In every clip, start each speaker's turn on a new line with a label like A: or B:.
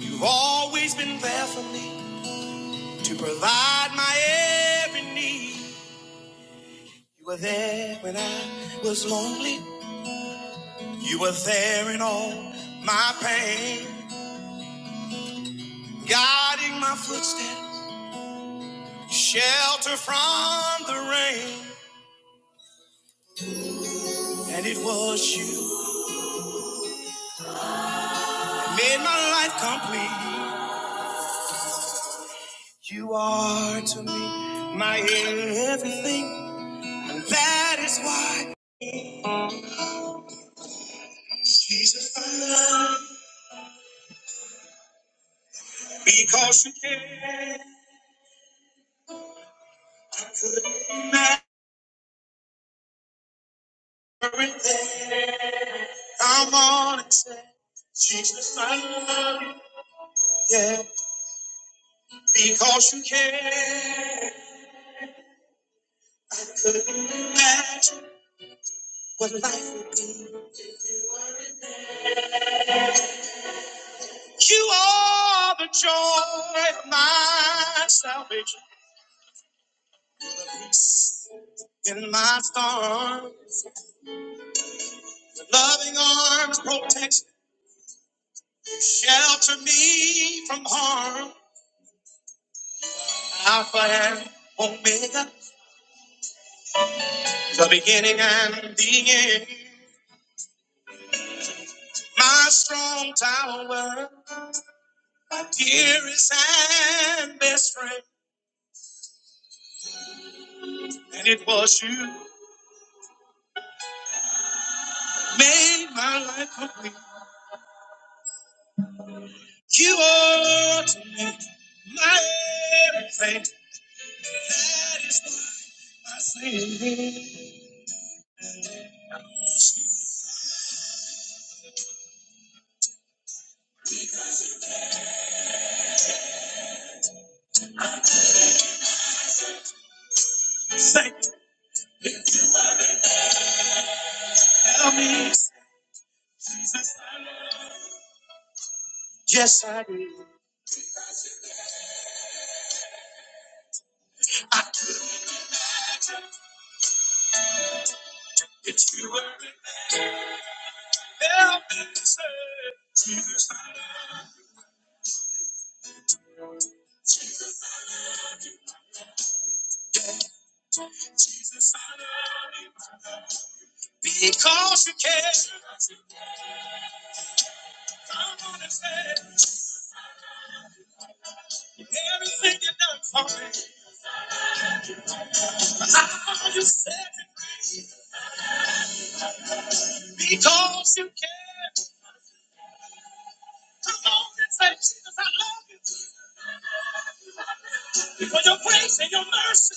A: You've always been there for me to provide my every need. You were there when I was lonely. You were there in all my pain, guiding my footsteps, shelter from the rain. And it was you that made my life complete. You are to me my everything, and that is why. Jesus, I love you because you care. I couldn't imagine. Everything I'm on and say, Jesus, I love you. Yeah, because you care. Couldn't imagine what life would be. You are the joy of my salvation. In my storm, your loving arms protect, shelter me from harm. Alpha and Omega, the beginning and the end. My strong tower. dearest and best friend, and it was you made my life complete. You are to me my everything. That is my sin. Thank you. Help me. Yes, I do. It's you were help me to serve. Because you care, come on and say everything you done for me. How you set me free. Because you care, come on and say Jesus, I love you. for your grace and your mercy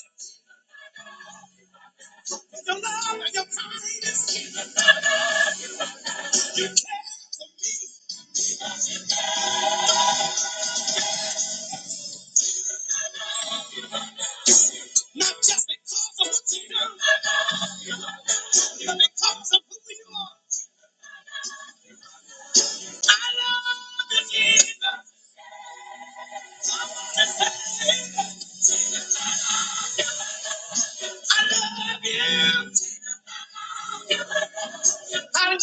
A: and your love and your kindness, not just because of what you do, but because of who you are. I love you, Jesus. I love you. I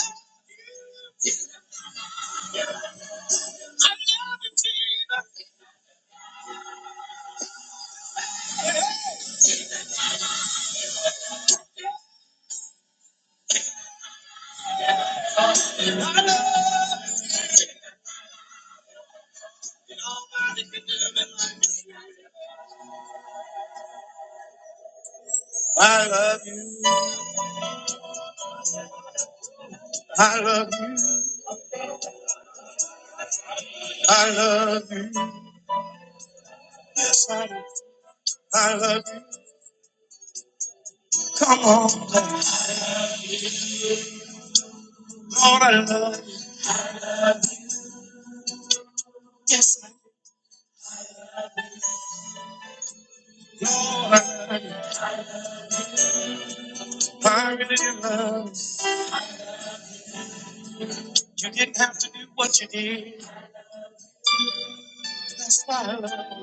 A: love, I love you, Jesus. I love you. I love you. I love you. I love you. Come on, Lord, I love you. Yes, I Lord, I love you. I really do love you. You didn't have to do what you did. That's why I love you.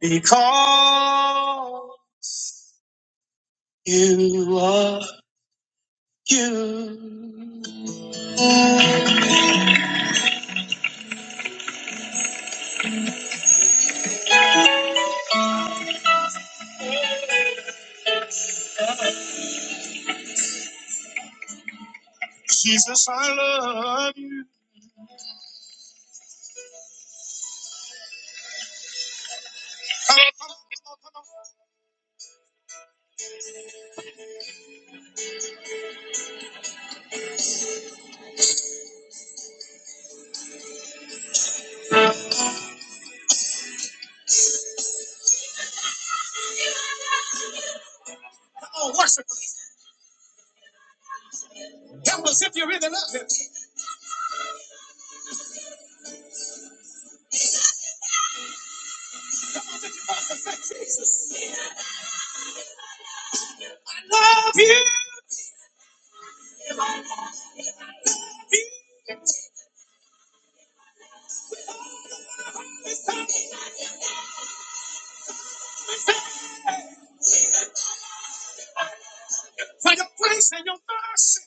A: Because you are you. Jesus, I love you. Come on, worship. Tell us if you really love him. I love you for your grace and your mercy.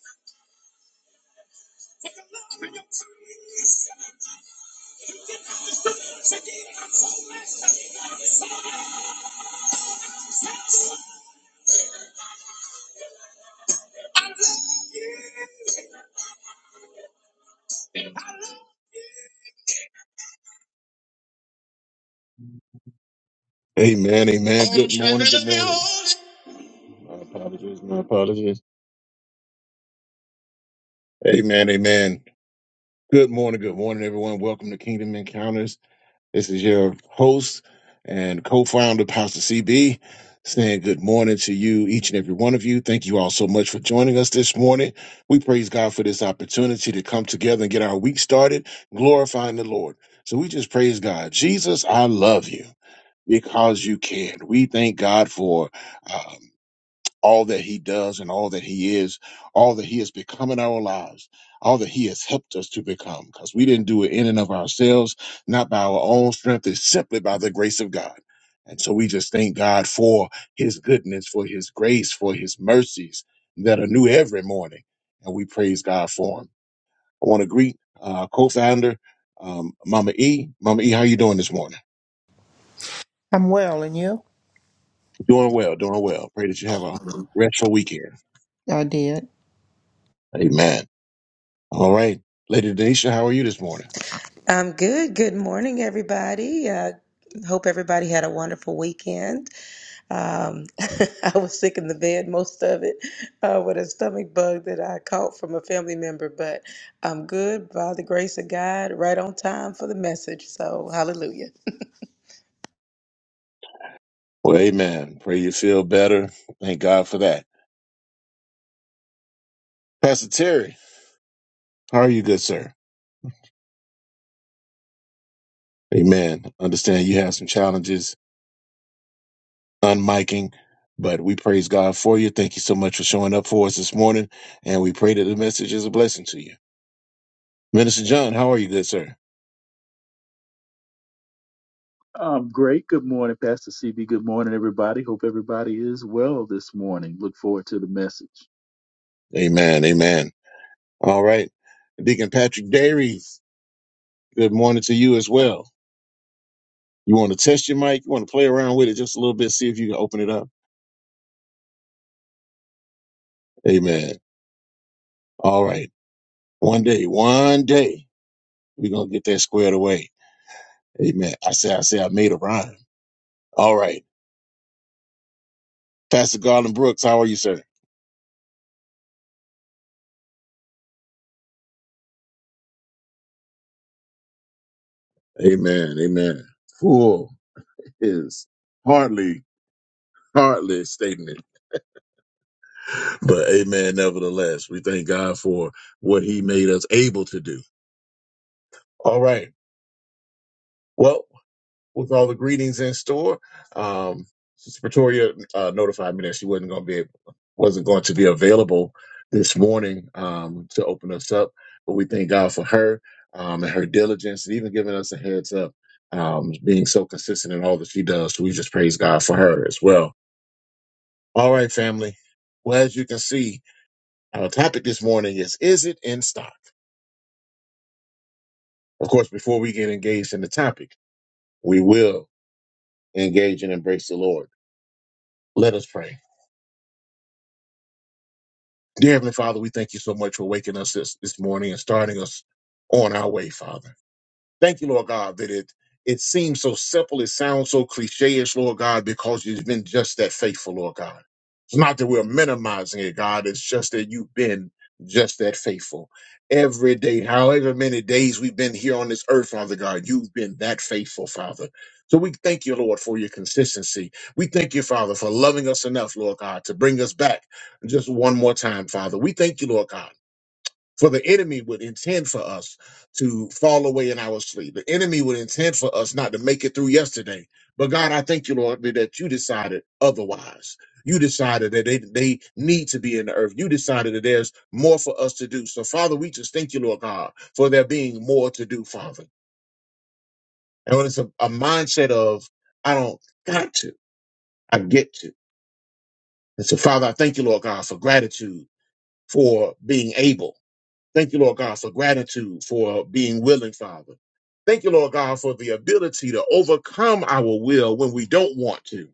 A: Amen, amen. Good morning, good morning. My apologies, my apologies. Amen, amen. Good morning, good morning, everyone. Welcome to Kingdom Encounters. This is your host and co-founder, Pastor CB, saying good morning to you, each and every one of you. Thank you all so much for joining us this morning. We praise God for this opportunity to come together and get our week started, glorifying the Lord. So we just praise God. Jesus, I love you because you cared. We thank God for. uh, all that he does and all that he is, all that he has become in our lives, all that he has helped us to become, because we didn't do it in and of ourselves, not by our own strength, it's simply by the grace of God. And so we just thank God for his goodness, for his grace, for his mercies that are new every morning. And we praise God for him. I want to greet uh, co-founder um, Mama E. Mama E, how you doing this morning?
B: I'm well, and you?
A: Doing well, doing well. Pray that you have a restful weekend.
B: I did.
A: Amen. All right. Lady Denisha, how are you this morning?
C: I'm good. Good morning, everybody. Uh, hope everybody had a wonderful weekend. Um, I was sick in the bed most of it uh, with a stomach bug that I caught from a family member, but I'm good by the grace of God, right on time for the message. So, hallelujah.
A: Well, amen. Pray you feel better. Thank God for that. Pastor Terry, how are you, good sir? Amen. Understand you have some challenges unmiking, but we praise God for you. Thank you so much for showing up for us this morning. And we pray that the message is a blessing to you. Minister John, how are you, good sir?
D: Um, great. Good morning, Pastor CB. Good morning, everybody. Hope everybody is well this morning. Look forward to the message.
A: Amen. Amen. All right. Deacon Patrick Dairies, good morning to you as well. You want to test your mic? You want to play around with it just a little bit, see if you can open it up? Amen. All right. One day, one day, we're gonna get that squared away. Amen. I say, I say, I made a rhyme. All right, Pastor Garland Brooks, how are you, sir? Amen. Amen. Fool is hardly, hardly a statement, but amen. Nevertheless, we thank God for what He made us able to do. All right. Well. with all the greetings in store. Um, Sister Pretoria uh, notified me that she wasn't going to be able, wasn't going to be available this morning um, to open us up, but we thank God for her um, and her diligence and even giving us a heads up, um, being so consistent in all that she does. So we just praise God for her as well. All right, family. Well, as you can see, our topic this morning is Is it in stock? Of course, before we get engaged in the topic, we will engage and embrace the Lord. Let us pray. Dear Heavenly Father, we thank you so much for waking us this, this morning and starting us on our way, Father. Thank you, Lord God, that it it seems so simple, it sounds so cliche-ish, Lord God, because you've been just that faithful, Lord God. It's not that we're minimizing it, God. It's just that you've been just that faithful. Every day, however many days we've been here on this earth, Father God, you've been that faithful, Father. So we thank you, Lord, for your consistency. We thank you, Father, for loving us enough, Lord God, to bring us back just one more time, Father. We thank you, Lord God for the enemy would intend for us to fall away in our sleep. The enemy would intend for us not to make it through yesterday. But God, I thank you, Lord, that you decided otherwise. You decided that they, they need to be in the earth. You decided that there's more for us to do. So, Father, we just thank you, Lord God, for there being more to do, Father. And when it's a, a mindset of, I don't got to, I get to. And so, Father, I thank you, Lord God, for gratitude, for being able. Thank you, Lord God, for gratitude, for being willing, Father. Thank you, Lord God, for the ability to overcome our will when we don't want to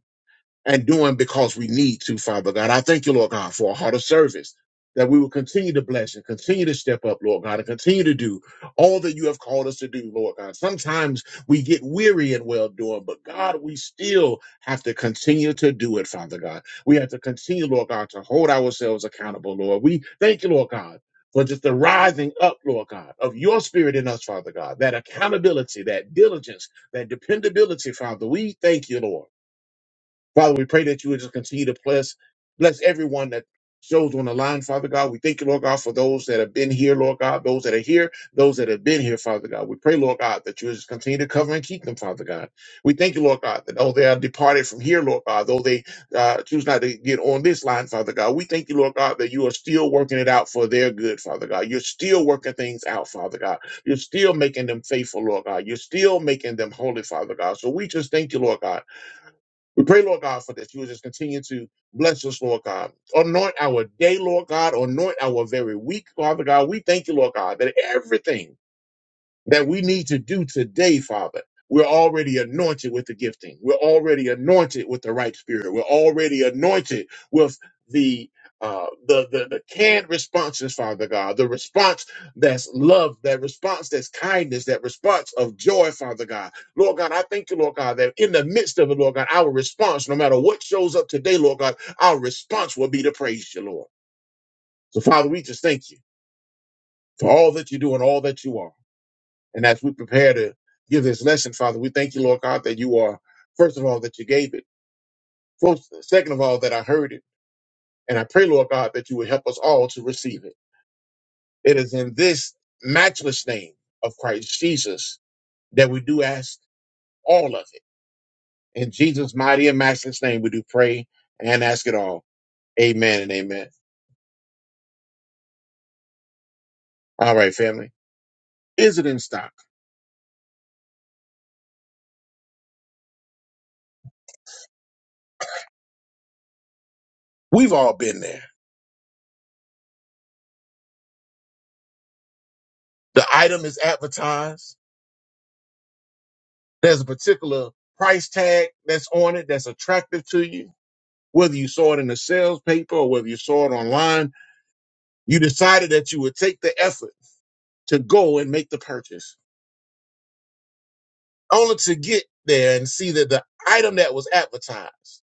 A: and doing because we need to, Father God. I thank you, Lord God, for a heart of service that we will continue to bless and continue to step up, Lord God, and continue to do all that you have called us to do, Lord God. Sometimes we get weary in well doing, but God, we still have to continue to do it, Father God. We have to continue, Lord God, to hold ourselves accountable, Lord. We thank you, Lord God. For just the rising up, Lord God, of your spirit in us, Father God, that accountability, that diligence, that dependability, Father, we thank you, Lord. Father, we pray that you would just continue to bless, bless everyone that shows on the line, Father God. We thank you, Lord God, for those that have been here, Lord God, those that are here, those that have been here, Father God. We pray, Lord God, that you would just continue to cover and keep them, Father God. We thank you, Lord God, that though they are departed from here, Lord God, though they uh, choose not to get on this line, Father God, we thank you, Lord God, that you are still working it out for their good, Father God. You're still working things out, Father God. You're still making them faithful, Lord God. You're still making them holy, Father God. So we just thank you, Lord God we pray, Lord God, for this. You will just continue to bless us, Lord God. Anoint our day, Lord God. Anoint our very week, Father God. We thank you, Lord God, that everything that we need to do today, Father. We're already anointed with the gifting. We're already anointed with the right spirit. We're already anointed with the uh, the, the the canned responses, Father God, the response that's love, that response that's kindness, that response of joy, Father God. Lord God, I thank you, Lord God, that in the midst of it, Lord God, our response, no matter what shows up today, Lord God, our response will be to praise you, Lord. So, Father, we just thank you for all that you do and all that you are. And as we prepare to give this lesson, Father, we thank you, Lord God, that you are, first of all, that you gave it. First, second of all, that I heard it. And I pray, Lord God, that you would help us all to receive it. It is in this matchless name of Christ Jesus that we do ask all of it. In Jesus' mighty and matchless name, we do pray and ask it all. Amen and amen. All right, family. Is it in stock? We've all been there. The item is advertised. There's a particular price tag that's on it that's attractive to you whether you saw it in a sales paper or whether you saw it online, you decided that you would take the effort to go and make the purchase, only to get there and see that the item that was advertised,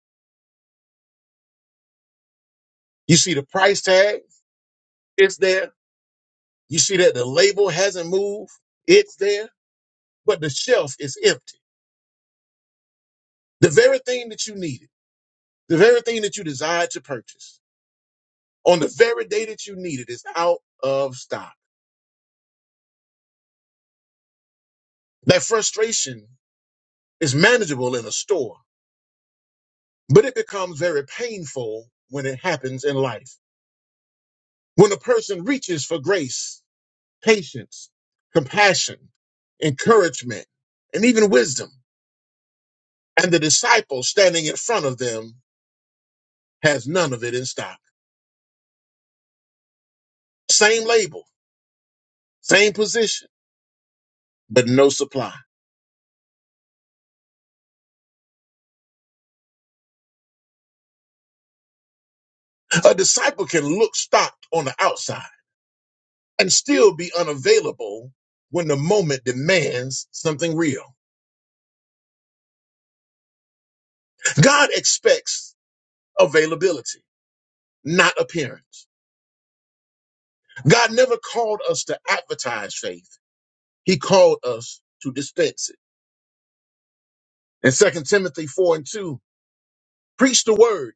A: you see the price tag, it's there. You see that the label hasn't moved, it's there, but the shelf is empty. The very thing that you needed, the very thing that you desired to purchase on the very day that you need it is out of stock. That frustration is manageable in a store But it becomes very painful when it happens in life. When a person reaches for grace, patience, compassion, encouragement, and even wisdom, and the disciple standing in front of them has none of it in stock. Same label, same position, but no supply. A disciple can look stocked on the outside and still be unavailable when the moment demands something real. God expects availability, not appearance. God never called us to advertise faith. He called us to dispense it. In Second Timothy 4 and 2, preach the word,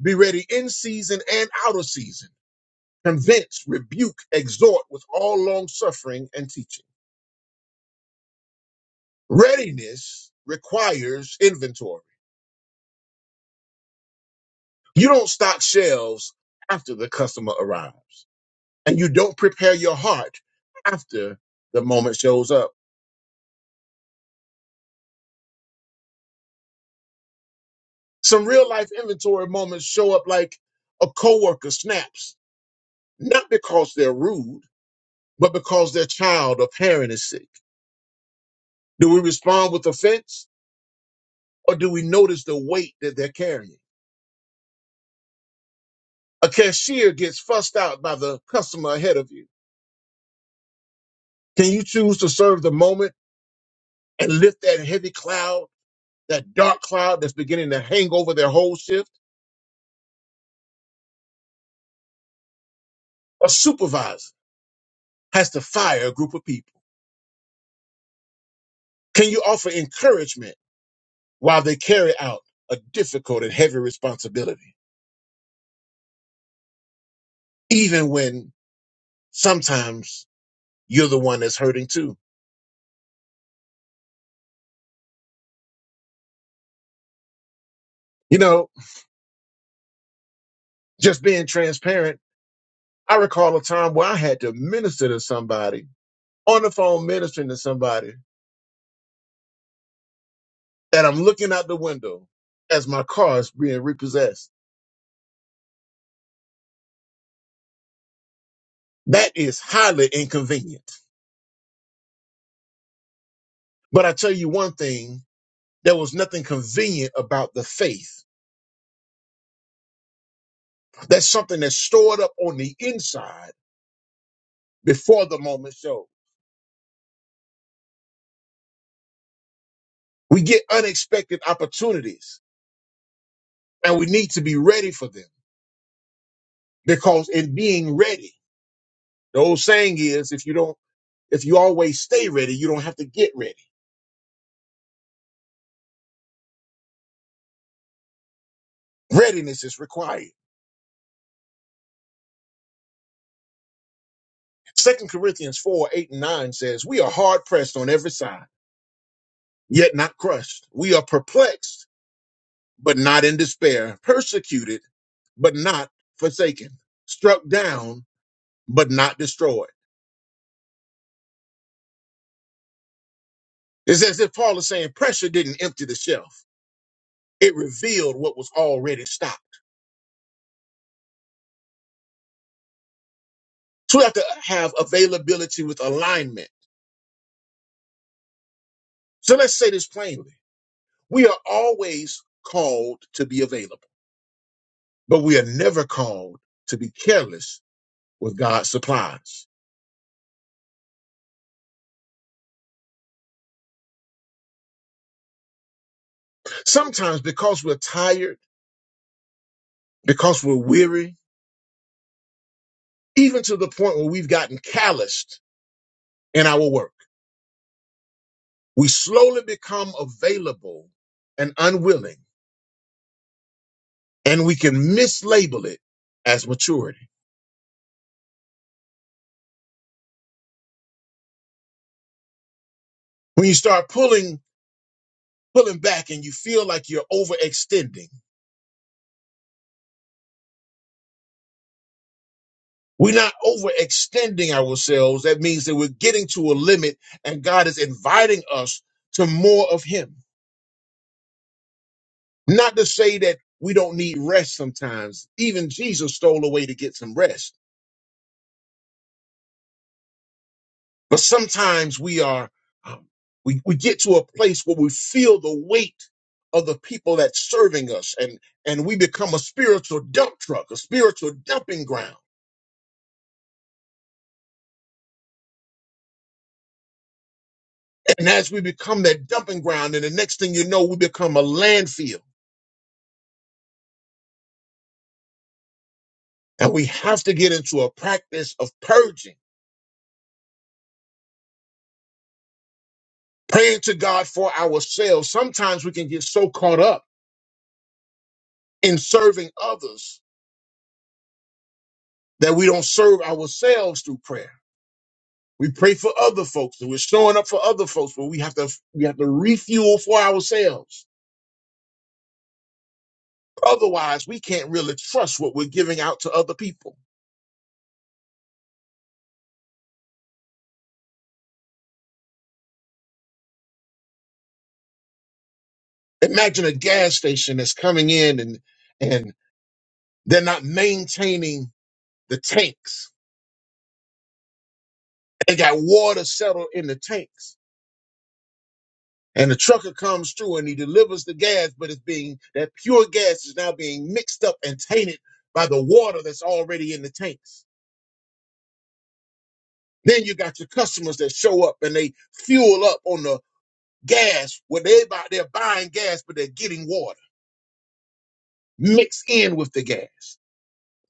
A: be ready in season and out of season. Convince, rebuke, exhort with all long suffering and teaching. Readiness requires inventory. You don't stock shelves after the customer arrives, and you don't prepare your heart after the moment shows up. Some real life inventory moments show up like a coworker snaps not because they're rude, but because their child or parent is sick? Do we respond with offense or do we notice the weight that they're carrying? A cashier gets fussed out by the customer ahead of you. Can you choose to serve the moment and lift that heavy cloud, that dark cloud that's beginning to hang over their whole shift? A supervisor has to fire a group of people. Can you offer encouragement while they carry out a difficult and heavy responsibility, even when sometimes you're the one that's hurting too. You know, just being transparent. I recall a time where I had to minister to somebody on the phone, ministering to somebody, and I'm looking out the window as my car is being repossessed. That is highly inconvenient. But I tell you one thing, there was nothing convenient about the faith. That's something that's stored up on the inside before the moment shows. We get unexpected opportunities and we need to be ready for them because in being ready, The old saying is if you don't if you always stay ready, you don't have to get ready. Readiness is required. Second Corinthians 4, 8 and 9 says, We are hard pressed on every side, yet not crushed. We are perplexed, but not in despair, persecuted, but not forsaken, struck down, but not destroyed. It's as if Paul is saying pressure didn't empty the shelf. It revealed what was already stopped. So we have to have availability with alignment. So let's say this plainly. We are always called to be available, but we are never called to be careless with God's supplies. Sometimes, because we're tired, because we're weary, even to the point where we've gotten calloused in our work, we slowly become available and unwilling, and we can mislabel it as maturity. When you start pulling, pulling back and you feel like you're overextending, We're not overextending ourselves. That means that we're getting to a limit and God is inviting us to more of Him. Not to say that we don't need rest sometimes. Even Jesus stole away to get some rest. But sometimes we are, um, we, we get to a place where we feel the weight of the people that's serving us and, and we become a spiritual dump truck, a spiritual dumping ground. And as we become that dumping ground, and the next thing you know, we become a landfill And we have to get into a practice of purging, praying to God for ourselves. Sometimes we can get so caught up in serving others that we don't serve ourselves through prayer. We pray for other folks and we're showing up for other folks, but we have to we have to refuel for ourselves. Otherwise, we can't really trust what we're giving out to other people. Imagine a gas station that's coming in and and they're not maintaining the tanks. They got water settled in the tanks and the trucker comes through and he delivers the gas, but it's being that pure gas is now being mixed up and tainted by the water that's already in the tanks. Then you got your customers that show up and they fuel up on the gas where they buy, they're buying gas, but they're getting water mixed in with the gas.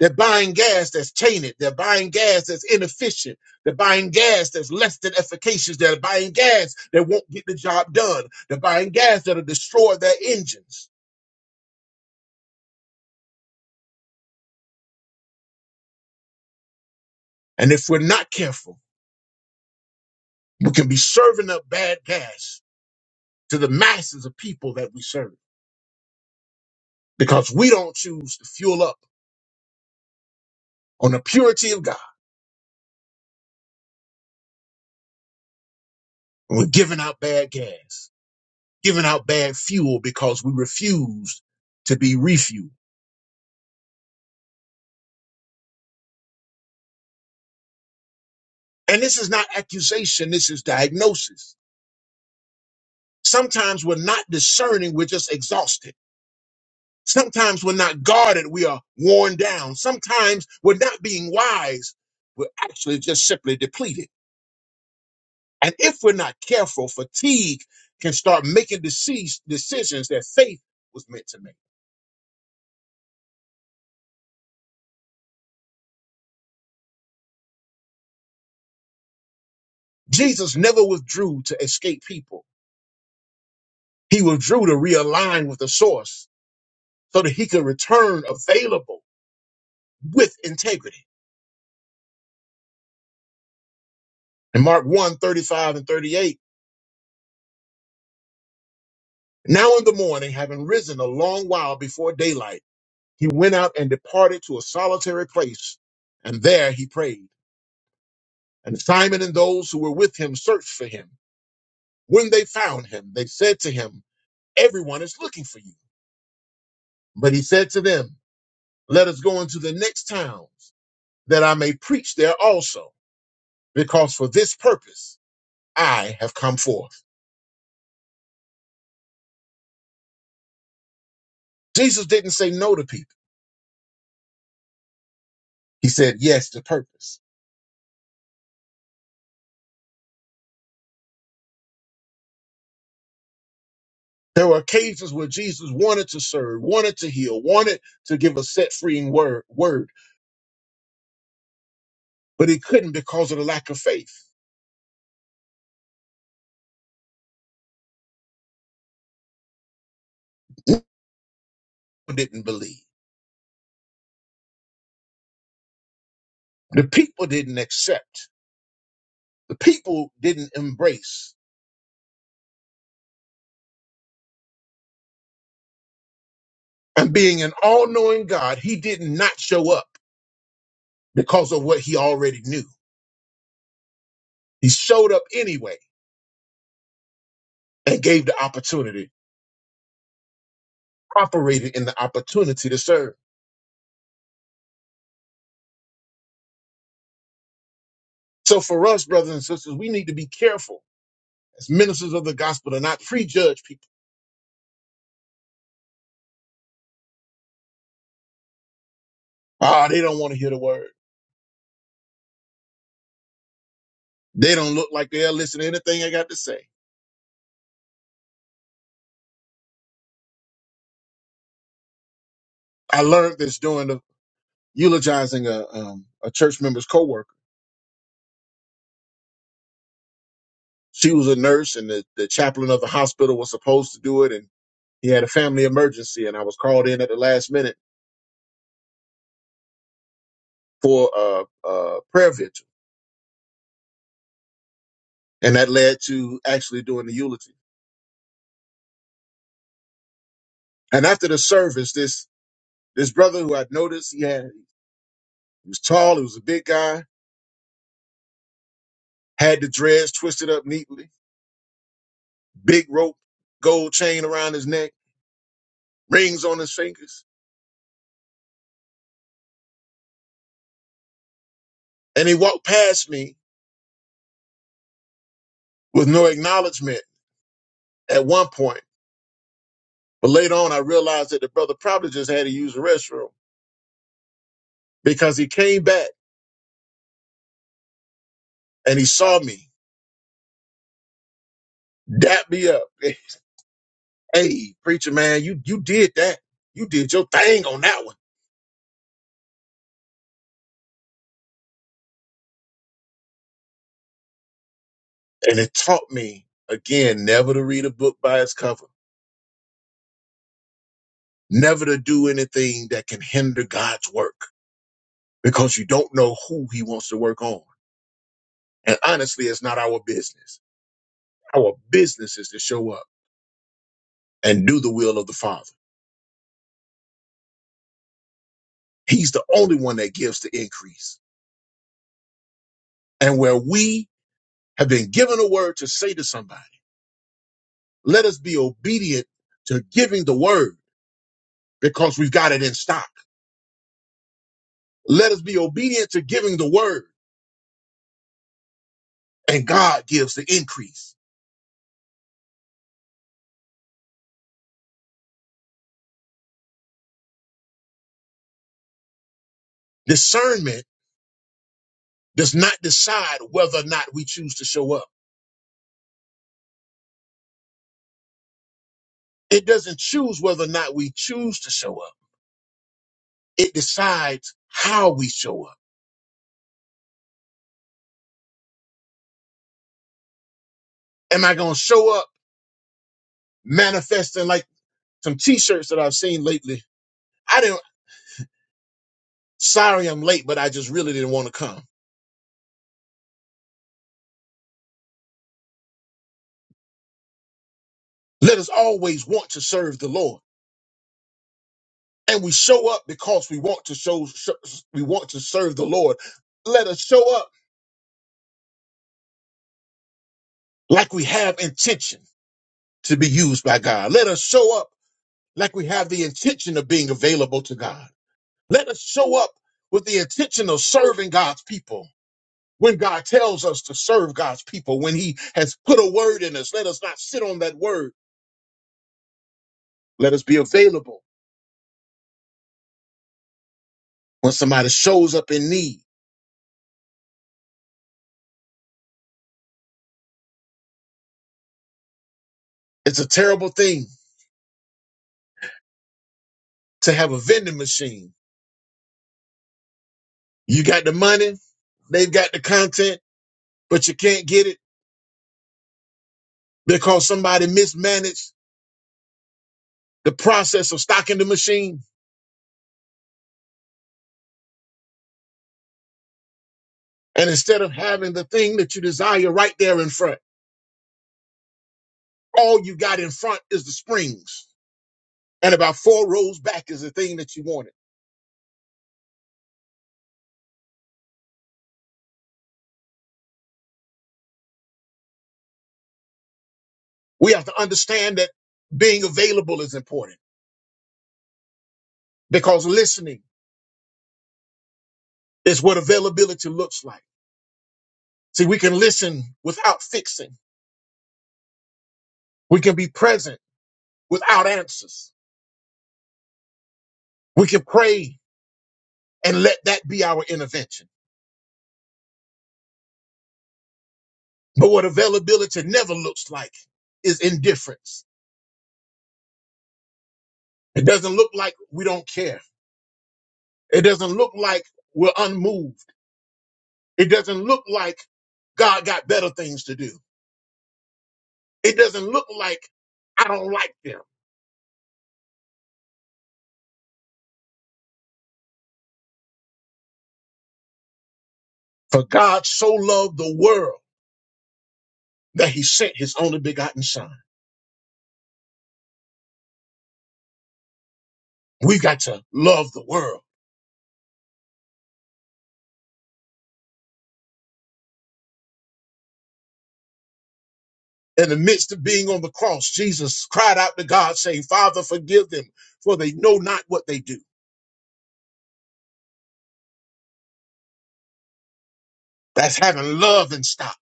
A: They're buying gas that's tainted. They're buying gas that's inefficient. They're buying gas that's less than efficacious. They're buying gas that won't get the job done. They're buying gas that'll destroy their engines. And if we're not careful, We can be serving up bad gas to the masses of people that we serve because we don't choose to fuel up on the purity of God. And we're giving out bad gas, giving out bad fuel because we refuse to be refueled. And this is not accusation, this is diagnosis. Sometimes we're not discerning, we're just exhausted. Sometimes we're not guarded, we are worn down. Sometimes we're not being wise, we're actually just simply depleted. And if we're not careful, fatigue can start making dece- decisions that faith was meant to make. Jesus never withdrew to escape people. He withdrew to realign with the source so that he could return available with integrity. In Mark one 35 and 38, now in the morning, having risen a long while before daylight, he went out and departed to a solitary place, and there he prayed. And Simon and those who were with him searched for him. When they found him, they said to him, everyone is looking for you. But he said to them, Let us go into the next towns, that I may preach there also, because for this purpose I have come forth. Jesus didn't say no to people, he said yes to purpose. There were occasions where Jesus wanted to serve, wanted to heal, wanted to give a set freeing word, word, but he couldn't because of the lack of faith. The people didn't believe. The people didn't accept. The people didn't embrace. And being an all knowing God, he did not show up because of what he already knew. He showed up anyway and gave the opportunity, operated in the opportunity to serve. So for us, brothers and sisters, we need to be careful as ministers of the gospel to not prejudge people. Ah, they don't want to hear the word. They don't look like they'll listen to anything I got to say. I learned this doing the eulogizing a, um, a church member's coworker. She was a nurse and the, the chaplain of the hospital was supposed to do it. And he had a family emergency and I was called in at the last minute for a, a prayer vigil. and that led to actually doing the eulogy. And after the service, this this brother who I noticed he had he was tall, he was a big guy, had the dreads twisted up neatly, big rope, gold chain around his neck, rings on his fingers, and he walked past me with no acknowledgement at one point. But later on, I realized that the brother probably just had to use the restroom because he came back and he saw me, dap me up. Hey, preacher man, you you did that. You did your thing on that one And it taught me, again, never to read a book by its cover, never to do anything that can hinder God's work because you don't know who he wants to work on. And honestly, it's not our business. Our business is to show up and do the will of the Father. He's the only one that gives the increase. And where we have been given a word to say to somebody, let us be obedient to giving the word because we've got it in stock. Let us be obedient to giving the word and God gives the increase. Discernment does not decide whether or not we choose to show up. It doesn't choose whether or not we choose to show up. It decides how we show up. Am I going to show up manifesting like some t-shirts that I've seen lately? I didn't, sorry I'm late, but I just really didn't want to come. Let us always want to serve the Lord. And we show up because we want to show, show we want to serve the Lord. Let us show up like we have intention to be used by God. Let us show up like we have the intention of being available to God. Let us show up with the intention of serving God's people. When God tells us to serve God's people, when He has put a word in us, let us not sit on that word. Let us be available when somebody shows up in need. It's a terrible thing to have a vending machine. You got the money, they've got the content, but you can't get it because somebody mismanaged the process of stocking the machine. And instead of having the thing that you desire right there in front, all you got in front is the springs. And about four rows back is the thing that you wanted. We have to understand that being available is important because listening is what availability looks like. See, we can listen without fixing. We can be present without answers. We can pray and let that be our intervention. But what availability never looks like is indifference. It doesn't look like we don't care. It doesn't look like we're unmoved. It doesn't look like God got better things to do. It doesn't look like I don't like them. For God so loved the world that he sent his only begotten son. We got to love the world. In the midst of being on the cross, Jesus cried out to God saying, Father, forgive them for they know not what they do. That's having love in stock,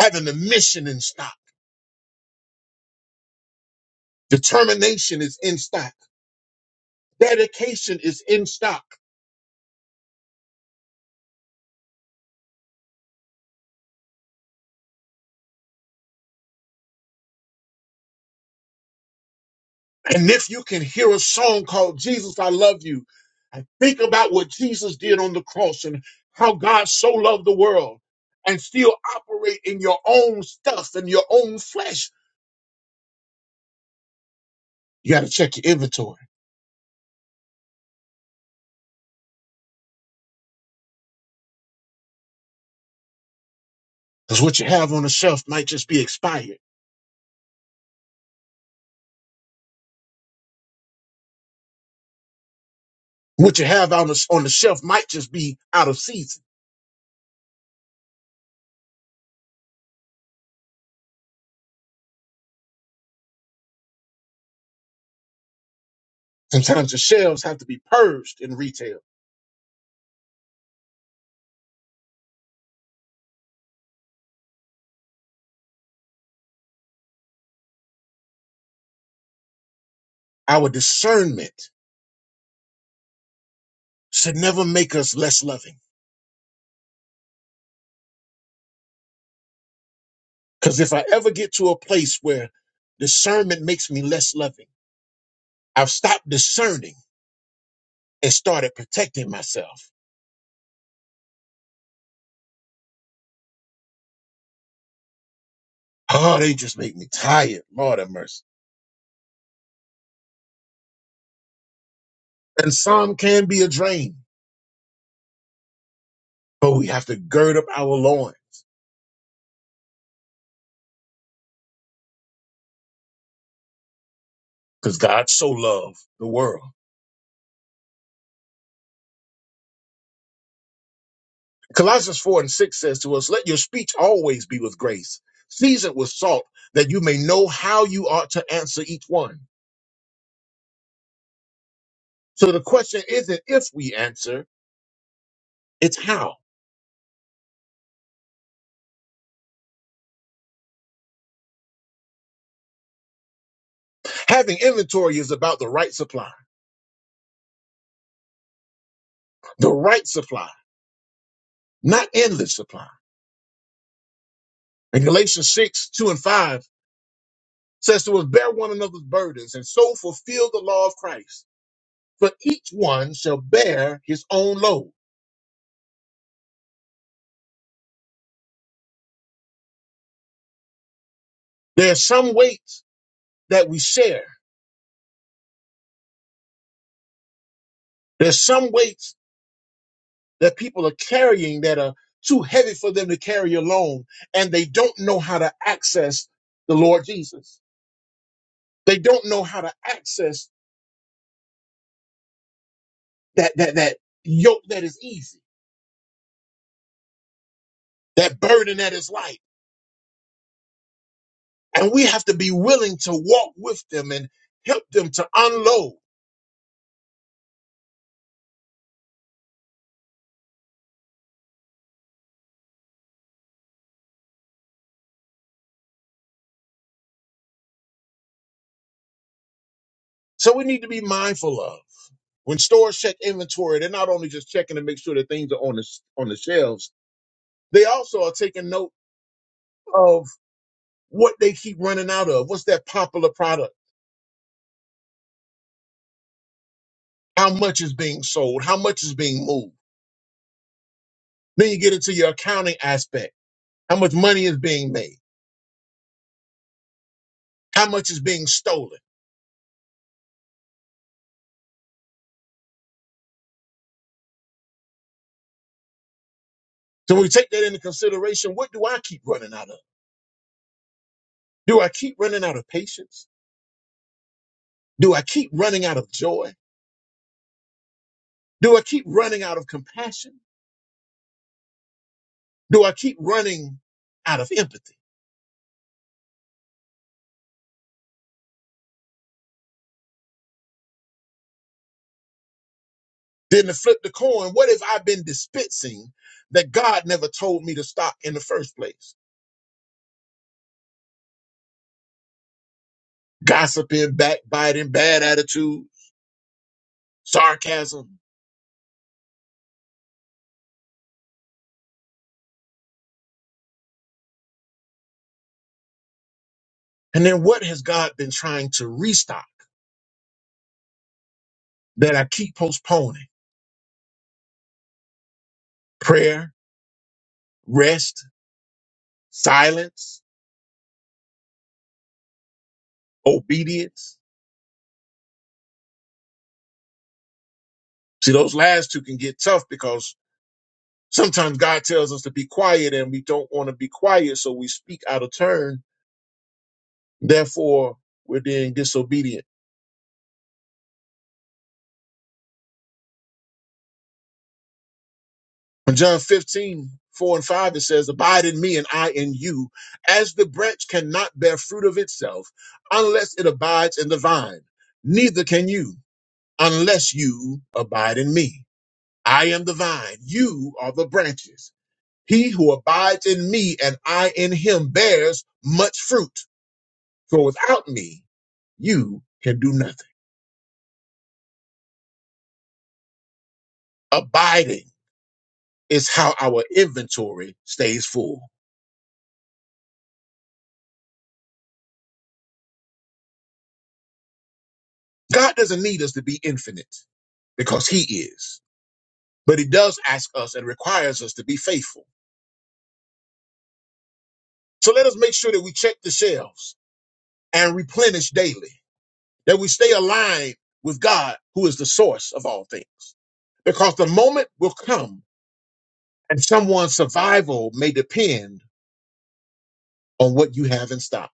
A: having the mission in stock. Determination is in stock. Dedication is in stock. And if you can hear a song called Jesus, I Love You, and think about what Jesus did on the cross and how God so loved the world and still operate in your own stuff and your own flesh, you got to check your inventory because what you have on the shelf might just be expired. What you have on the, on the shelf might just be out of season. Sometimes the shelves have to be purged in retail. Our discernment should never make us less loving because if I ever get to a place where discernment makes me less loving, I've stopped discerning and started protecting myself. Oh, they just make me tired. Lord have mercy. And some can be a drain, but we have to gird up our loins because God so loved the world. Colossians 4 and 6 says to us, Let your speech always be with grace, seasoned with salt, that you may know how you ought to answer each one. So the question isn't if we answer, it's how. Having inventory is about the right supply, the right supply, not endless supply. And Galatians 6, 2 and 5 says to us, bear one another's burdens and so fulfill the law of Christ. For each one shall bear his own load. There's some weights that we share. There's some weights that people are carrying that are too heavy for them to carry alone. And they don't know how to access the Lord Jesus. They don't know how to access that, that, that yoke that is easy, that burden that is light And we have to be willing to walk with them and help them to unload. So we need to be mindful of when stores check inventory, they're not only just checking to make sure that things are on the on the shelves, they also are taking note of what they keep running out of. What's that popular product? How much is being sold? How much is being moved? Then you get into your accounting aspect. How much money is being made? How much is being stolen? So when we take that into consideration, what do I keep running out of? Do I keep running out of patience? Do I keep running out of joy? Do I keep running out of compassion? Do I keep running out of empathy? Then to flip the coin, what if I've been dispensing that God never told me to stop in the first place? Gossiping, backbiting, bad attitude, sarcasm. And then what has God been trying to restock that I keep postponing? Prayer, rest, silence, obedience. See, those last two can get tough because Sometimes God tells us to be quiet and we don't want to be quiet, so we speak out of turn. Therefore, we're being disobedient. In John 15:4 and 5, it says, Abide in me and I in you, as the branch cannot bear fruit of itself unless it abides in the vine. Neither can you unless you abide in me. I am the vine, you are the branches. He who abides in me and I in him bears much fruit. For without me, you can do nothing. Abiding is how our inventory stays full. God doesn't need us to be infinite because He is, but He does ask us and requires us to be faithful. So let us make sure that we check the shelves and replenish daily, that we stay aligned with God, who is the source of all things. Because the moment will come and someone's survival may depend on what you have in stock.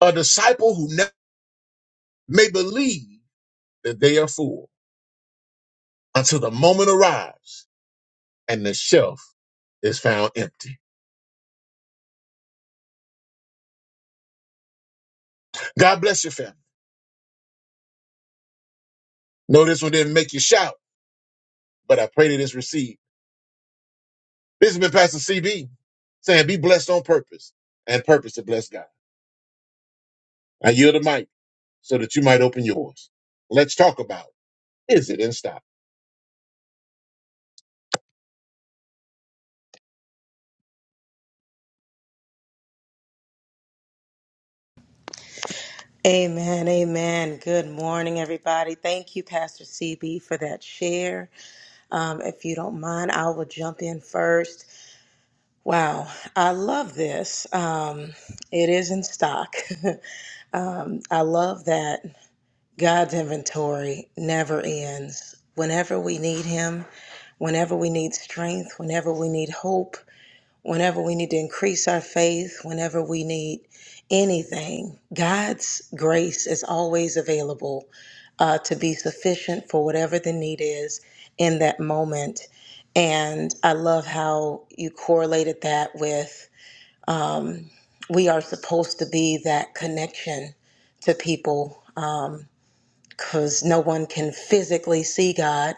A: A disciple who never may believe that they are full until the moment arrives and the shelf is found empty. God bless your family. No, this one didn't make you shout, but I pray that it's received. This has been Pastor CB saying, be blessed on purpose and purpose to bless God. I yield the mic so that you might open yours. Let's talk about is it in stock?
C: Amen, amen. Good morning, everybody. Thank you, Pastor CB, for that share. Um, if you don't mind, I will jump in first. Wow, I love this. Um, it is in stock. I love that God's inventory never ends. Whenever we need Him, whenever we need strength, whenever we need hope, whenever we need to increase our faith, whenever we need anything, God's grace is always available uh, to be sufficient for whatever the need is in that moment. And I love how you correlated that with we are supposed to be that connection to people because no one can physically see God.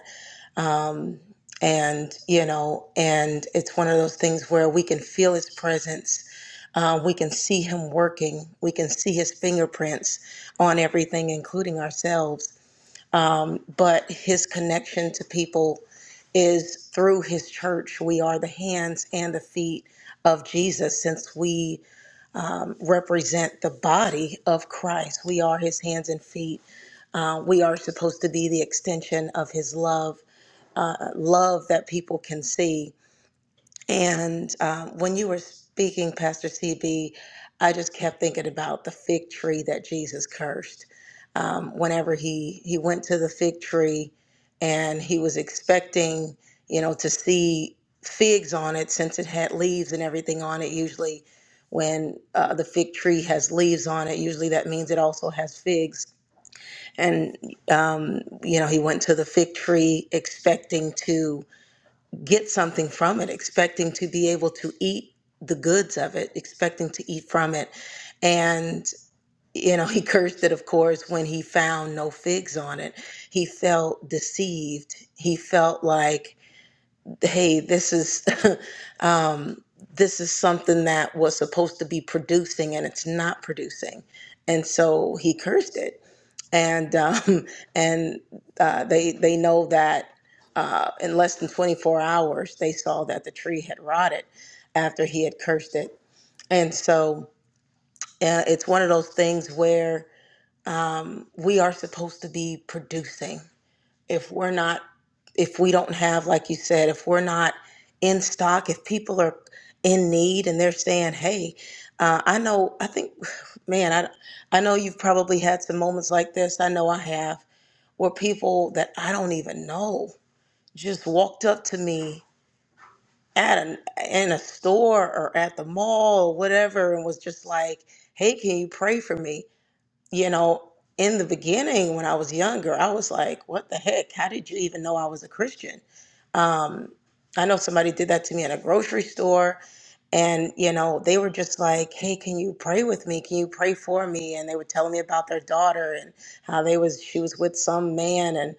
C: And, you know, and it's one of those things where we can feel His presence. Uh, we can see Him working. We can see His fingerprints on everything, including ourselves. But His connection to people is through His church. We are the hands and the feet of Jesus since we represent the body of Christ. We are His hands and feet. Uh, we are supposed to be the extension of His love uh, love that people can see. And um, when you were speaking, Pastor CB, I just kept thinking about the fig tree that Jesus cursed. Um, whenever he he went to the fig tree, and he was expecting, you know, to see figs on it since it had leaves and everything on it. Usually, when uh, the fig tree has leaves on it, usually that means it also has figs. And um, you know, he went to the fig tree expecting to get something from it, expecting to be able to eat the goods of it, expecting to eat from it. And, you know, he cursed it, of course, when he found no figs on it. He felt deceived. He felt like, hey, this is. um, this is something that was supposed to be producing and it's not producing. And so he cursed it and um, and uh, they they know that uh, in less than 24 hours they saw that the tree had rotted after he had cursed it and so uh, it's one of those things where um, we are supposed to be producing if we're not if we don't have like you said if we're not in stock if people are in need and they're saying hey uh, i know i think man i, I know you've probably had some moments like this i know i have where people that I don't even know just walked up to me at an in a store or at the mall or whatever and was just like, "Hey, can you pray for me?" You know, in the beginning when I was younger, I was like, "What the heck? How did you even know I was a Christian?" Um, I know somebody did that to me in a grocery store and you know they were just like hey can you pray with me can you pray for me and they were telling me about their daughter and how they was she was with some man and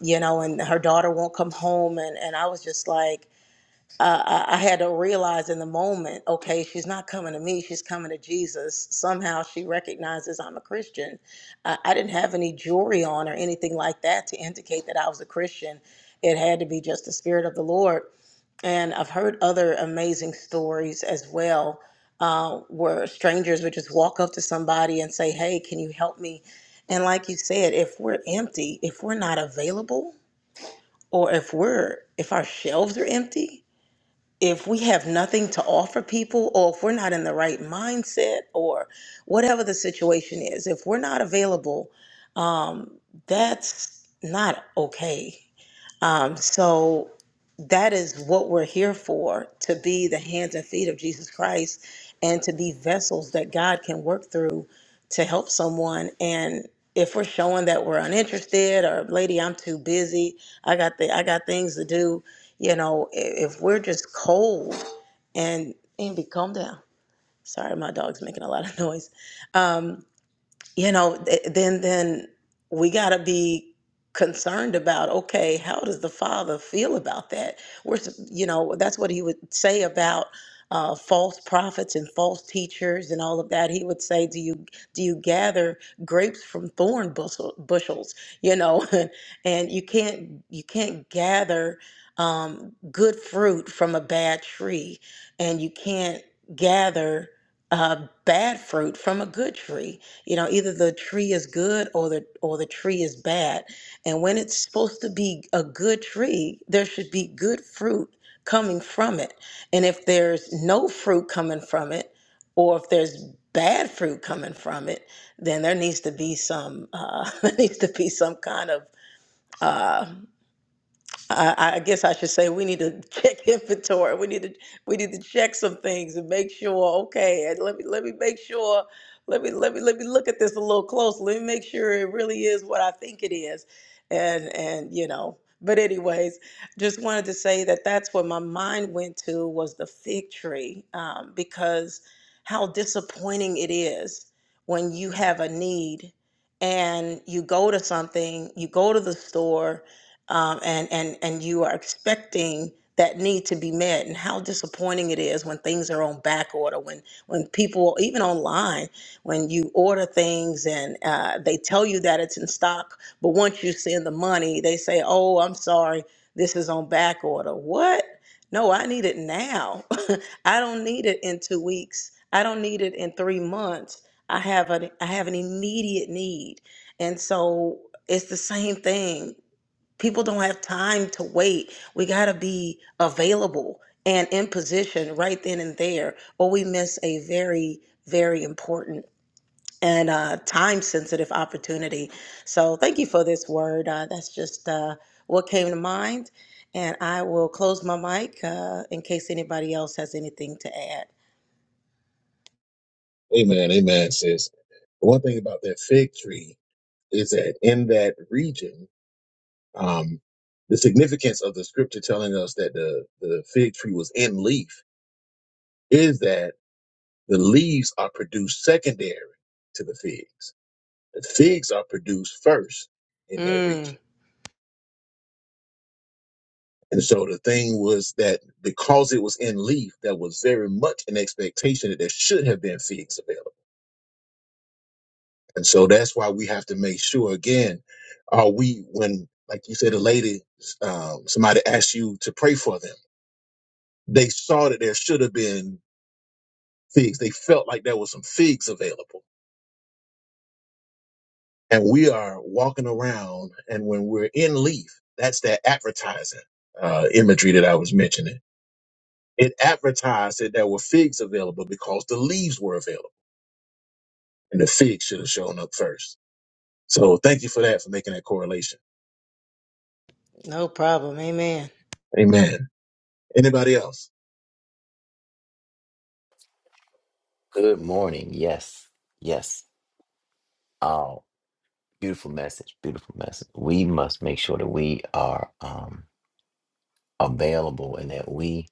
C: you know, and her daughter won't come home. And, and I was just like, uh, I, I had to realize in the moment, okay, she's not coming to me, she's coming to Jesus. Somehow she recognizes I'm a Christian. Uh, I didn't have any jewelry on or anything like that to indicate that I was a Christian. It had to be just the Spirit of the Lord. And I've heard other amazing stories as well, uh, where strangers would just walk up to somebody and say, Hey, can you help me? And like you said, if we're empty, if we're not available, or if we're if our shelves are empty if we have nothing to offer people or if we're not in the right mindset or whatever the situation is if we're not available um, that's not okay um, so that is what we're here for to be the hands and feet of Jesus Christ and to be vessels that God can work through to help someone. And if we're showing that we're uninterested or lady, I'm too busy, I got the I got things to do, you know, i- if we're just cold and and be calm down. Sorry, my dog's making a lot of noise. Um, you know th- then then we got to be concerned about okay how does the father feel about that we're s- you know that's what he would say about uh, false prophets and false teachers and all of that he would say do you do you gather grapes from thorn bushel, bushels you know and you can't you can't gather um, good fruit from a bad tree and you can't gather uh, bad fruit from a good tree you know, either the tree is good or the or the tree is bad. And when it's supposed to be a good tree, there should be good fruit coming from it. And if there's no fruit coming from it, or if there's bad fruit coming from it, then there needs to be some uh, there needs to be some kind of uh, I, I guess I should say we need to check inventory. We need to we need to check some things and make sure. Okay, and let me let me make sure. Let me let me let me look at this a little closer. Let me make sure it really is what I think it is, and and you know. But anyways, just wanted to say that that's where my mind went to was the fig tree, um, because how disappointing it is when you have a need and you go to something, you go to the store um, and and and you are expecting that need to be met and how disappointing it is when things are on back order when when people even online when you order things and uh, they tell you that it's in stock but once you send the money they say oh i'm sorry this is on back order what no i need it now i don't need it in two weeks i don't need it in three months i have an i have an immediate need and so it's the same thing People don't have time to wait. We got to be available and in position right then and there, or we miss a very, very important and uh, time sensitive opportunity. So, thank you for this word. Uh, that's just uh, what came to mind. And I will close my mic uh, in case anybody else has anything to add.
A: Amen. Amen, sis. One thing about that fig tree is that in that region, um, the significance of the scripture telling us that the, the fig tree was in leaf is that the leaves are produced secondary to the figs. The figs are produced first in that
C: Mm,
A: region. And so the thing was that because it was in leaf, there was very much an expectation that there should have been figs available. And so that's why we have to make sure again, are we, when, like you said, a lady, um, somebody asked you to pray for them, they saw that there should have been figs. They felt like there was some figs available and we are walking around and when we're in leaf that's that advertising uh, imagery that i was mentioning it advertised that there were figs available because the leaves were available and the figs should have shown up first so thank you for that for making that correlation
C: no problem. Amen.
A: amen anybody else
E: Good morning. Yes. Yes. Oh, beautiful message. Beautiful message. We must make sure that we are um available and that we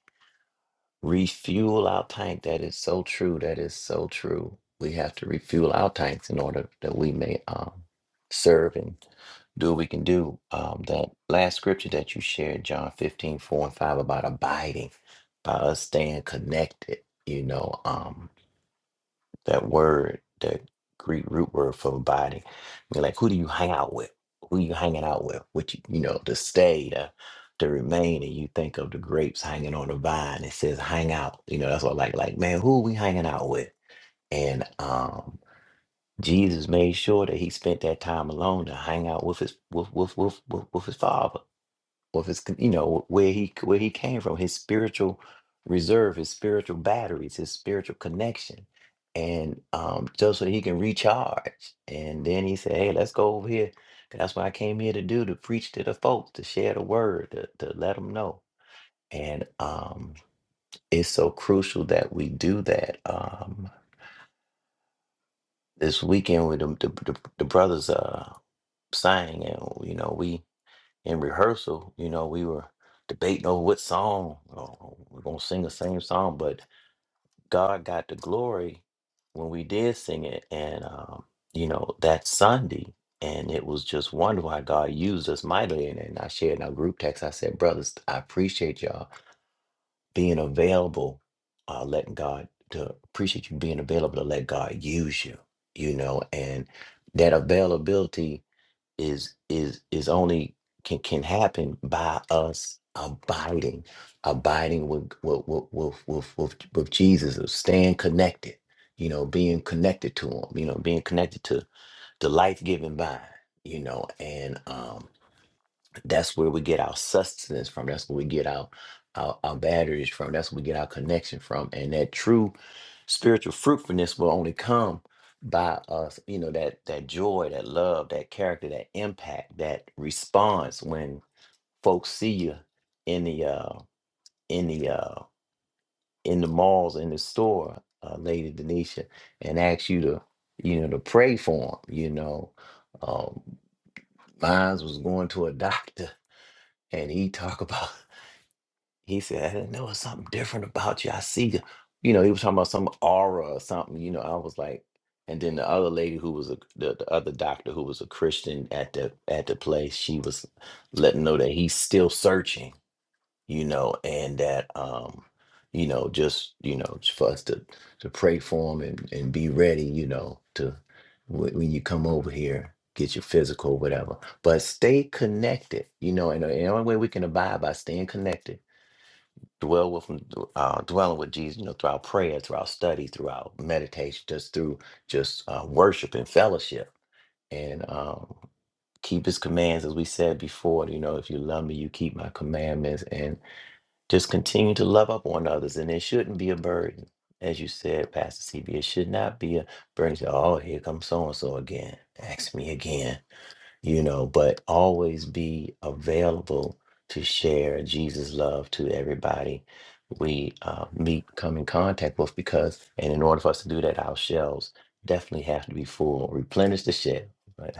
E: refuel our tank. That is so true. That is so true. We have to refuel our tanks in order that we may um serve and do what we can do. Um that last scripture that you shared, John 15 4 and 5 about abiding, by us staying connected, you know. Um that word, that Greek root word for body. I mean, like, who do you hang out with? Who you hanging out with? Which you, know, to stay, to to remain, and you think of the grapes hanging on the vine. It says hang out. You know, that's what I like like man, who we hanging out with? And um, Jesus made sure that he spent that time alone to hang out with his with with with with, with his father of his, con- you know, where he where he came from, his spiritual reserve, his spiritual batteries, his spiritual connection, and um, just so he can recharge. And then he said, "Hey, let's go over here. 'cause That's what I came here to do—to preach to the folks, to share the word, to, to let them know." And um, it's so crucial that we do that. Um, this weekend with the, the, the, the brothers uh, sang, and you know we in rehearsal, you know, we were debating over what song oh, we're gonna sing the same song, but God got the glory when we did sing it, and um, you know that Sunday, and it was just wonderful how God used us mightily. And, and I shared in our group text, I said, brothers, I appreciate y'all being available, uh, letting God to appreciate you being available to let God use you, you know, and that availability is is is only can can happen by us abiding, abiding with with with with with, with, with Jesus, of staying connected. You know, being connected to Him. You know, being connected to the life giving vine. You know, and um that's where we get our sustenance from. That's where we get our, our our batteries from. That's where we get our connection from. And that true spiritual fruitfulness will only come by us, you know, that that joy, that love, that character, that impact, that response when folks see you in the uh in the uh in the malls, in the store, uh, Lady Denisha, and ask you to, you know, to pray for them, you know. Um, mine was going to a doctor and he talk about He said, I didn't know it's something different about you. I see, you You know, he was talking about some aura or something. You know, I was like, and then the other lady who was a, the, the other doctor who was a Christian at the at the place, she was letting know that he's still searching, you know, and that um, you know, just you know, j- for us to to pray for him and and be ready, you know, to wh- when you come over here, get your physical, whatever. But stay connected, you know, and the only way we can abide by staying connected dwell with him, d- uh, dwelling with Jesus, you know, through our prayer, through our study, through our meditation, just through just uh, worship and fellowship, and um, keep His commands, as we said before. You know, if you love me, you keep my commandments, and just continue to love up on others, and it shouldn't be a burden, as you said, Pastor CB. It should not be a burden. to, Oh, here comes so and so again. Ask me again you know, but always be available to share Jesus' love to everybody we uh, meet, come in contact with, because, and in order for us to do that, our shelves definitely have to be full, replenish the shelf. Right?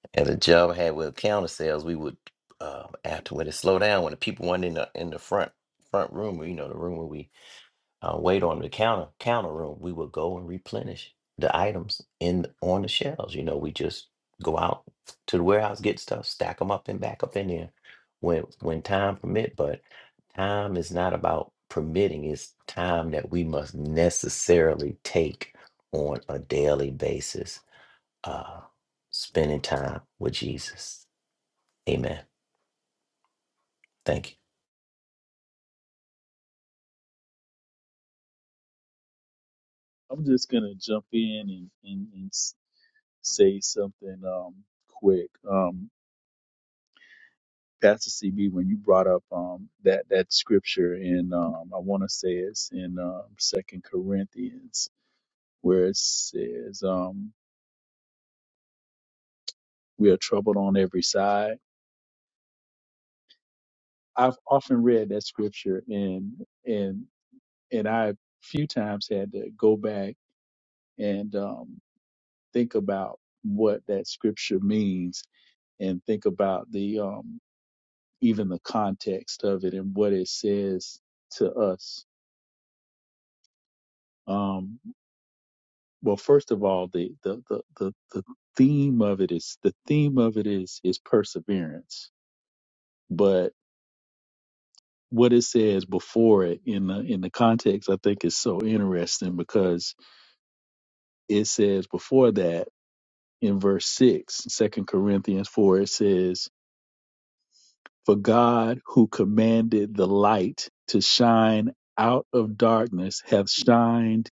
E: As a job I had with counter sales, we would, uh, after when it slowed down, when the people weren't in the, in the front front room, you know, the room where we uh, wait on the counter counter room, we would go and replenish the items in on the shelves. You know, we just go out to the warehouse, get stuff, stack them up, and back up in there when when time permit. But time is not about permitting; it's time that we must necessarily take on a daily basis. Uh, spending time with Jesus. Amen. Thank
D: I'm just gonna jump in and and, and s- say something um, quick. Um, Pastor CB, when you brought up um, that that scripture in, um, I want to say it's in um, Second Corinthians where it says, um, "We are troubled on every side." I've often read that scripture and and and I few times had to go back and um, think about what that scripture means and think about the um, even the context of it and what it says to us. Um, well, first of all, the, the the the the theme of it is the theme of it is is perseverance, but what it says before it in the in the context I think is so interesting because it says before that in verse 6, Second Corinthians 4 it says For God, who commanded the light to shine out of darkness, hath shined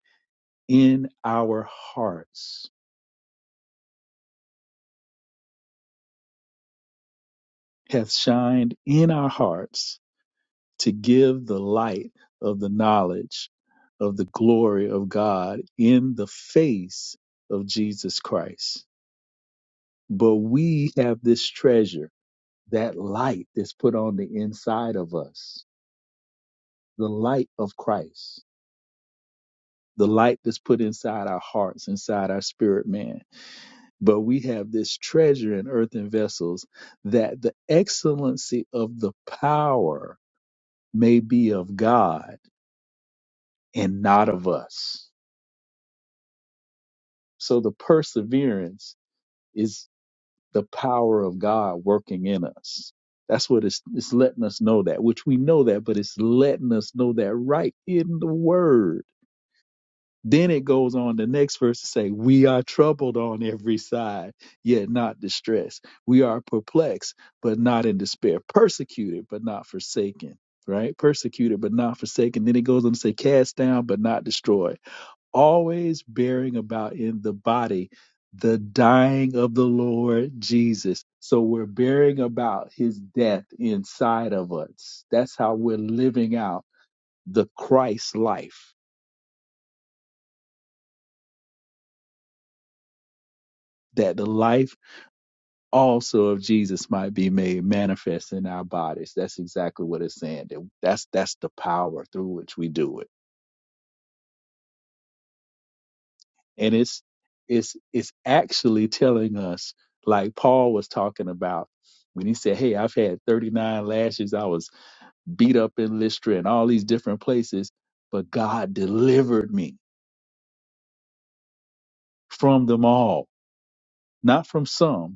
D: in our hearts, hath shined in our hearts to give the light of the knowledge of the glory of God in the face of Jesus Christ. But we have this treasure, that light that's put on the inside of us, the light of Christ the light that's put inside our hearts, inside our spirit man. But we have this treasure in earthen vessels that the excellency of the power may be of God and not of us. So the perseverance is the power of God working in us. That's what it's, it's letting us know that, which we know that, but it's letting us know that right in the word Then it goes on the next verse to say, We are troubled on every side, yet not distressed. We are perplexed, but not in despair. Persecuted, but not forsaken. Right? Persecuted, but not forsaken. Then it goes on to say, Cast down, but not destroyed. Always bearing about in the body the dying of the Lord Jesus. So we're bearing about his death inside of us. That's how we're living out the Christ life that the life also of Jesus might be made manifest in our bodies. That's exactly what it's saying. That that's that's the power through which we do it. And it's it's it's actually telling us, like Paul was talking about when he said, Hey, I've had 39 lashes, I was beat up in Lystra and all these different places, but God delivered me from them all. Not from some,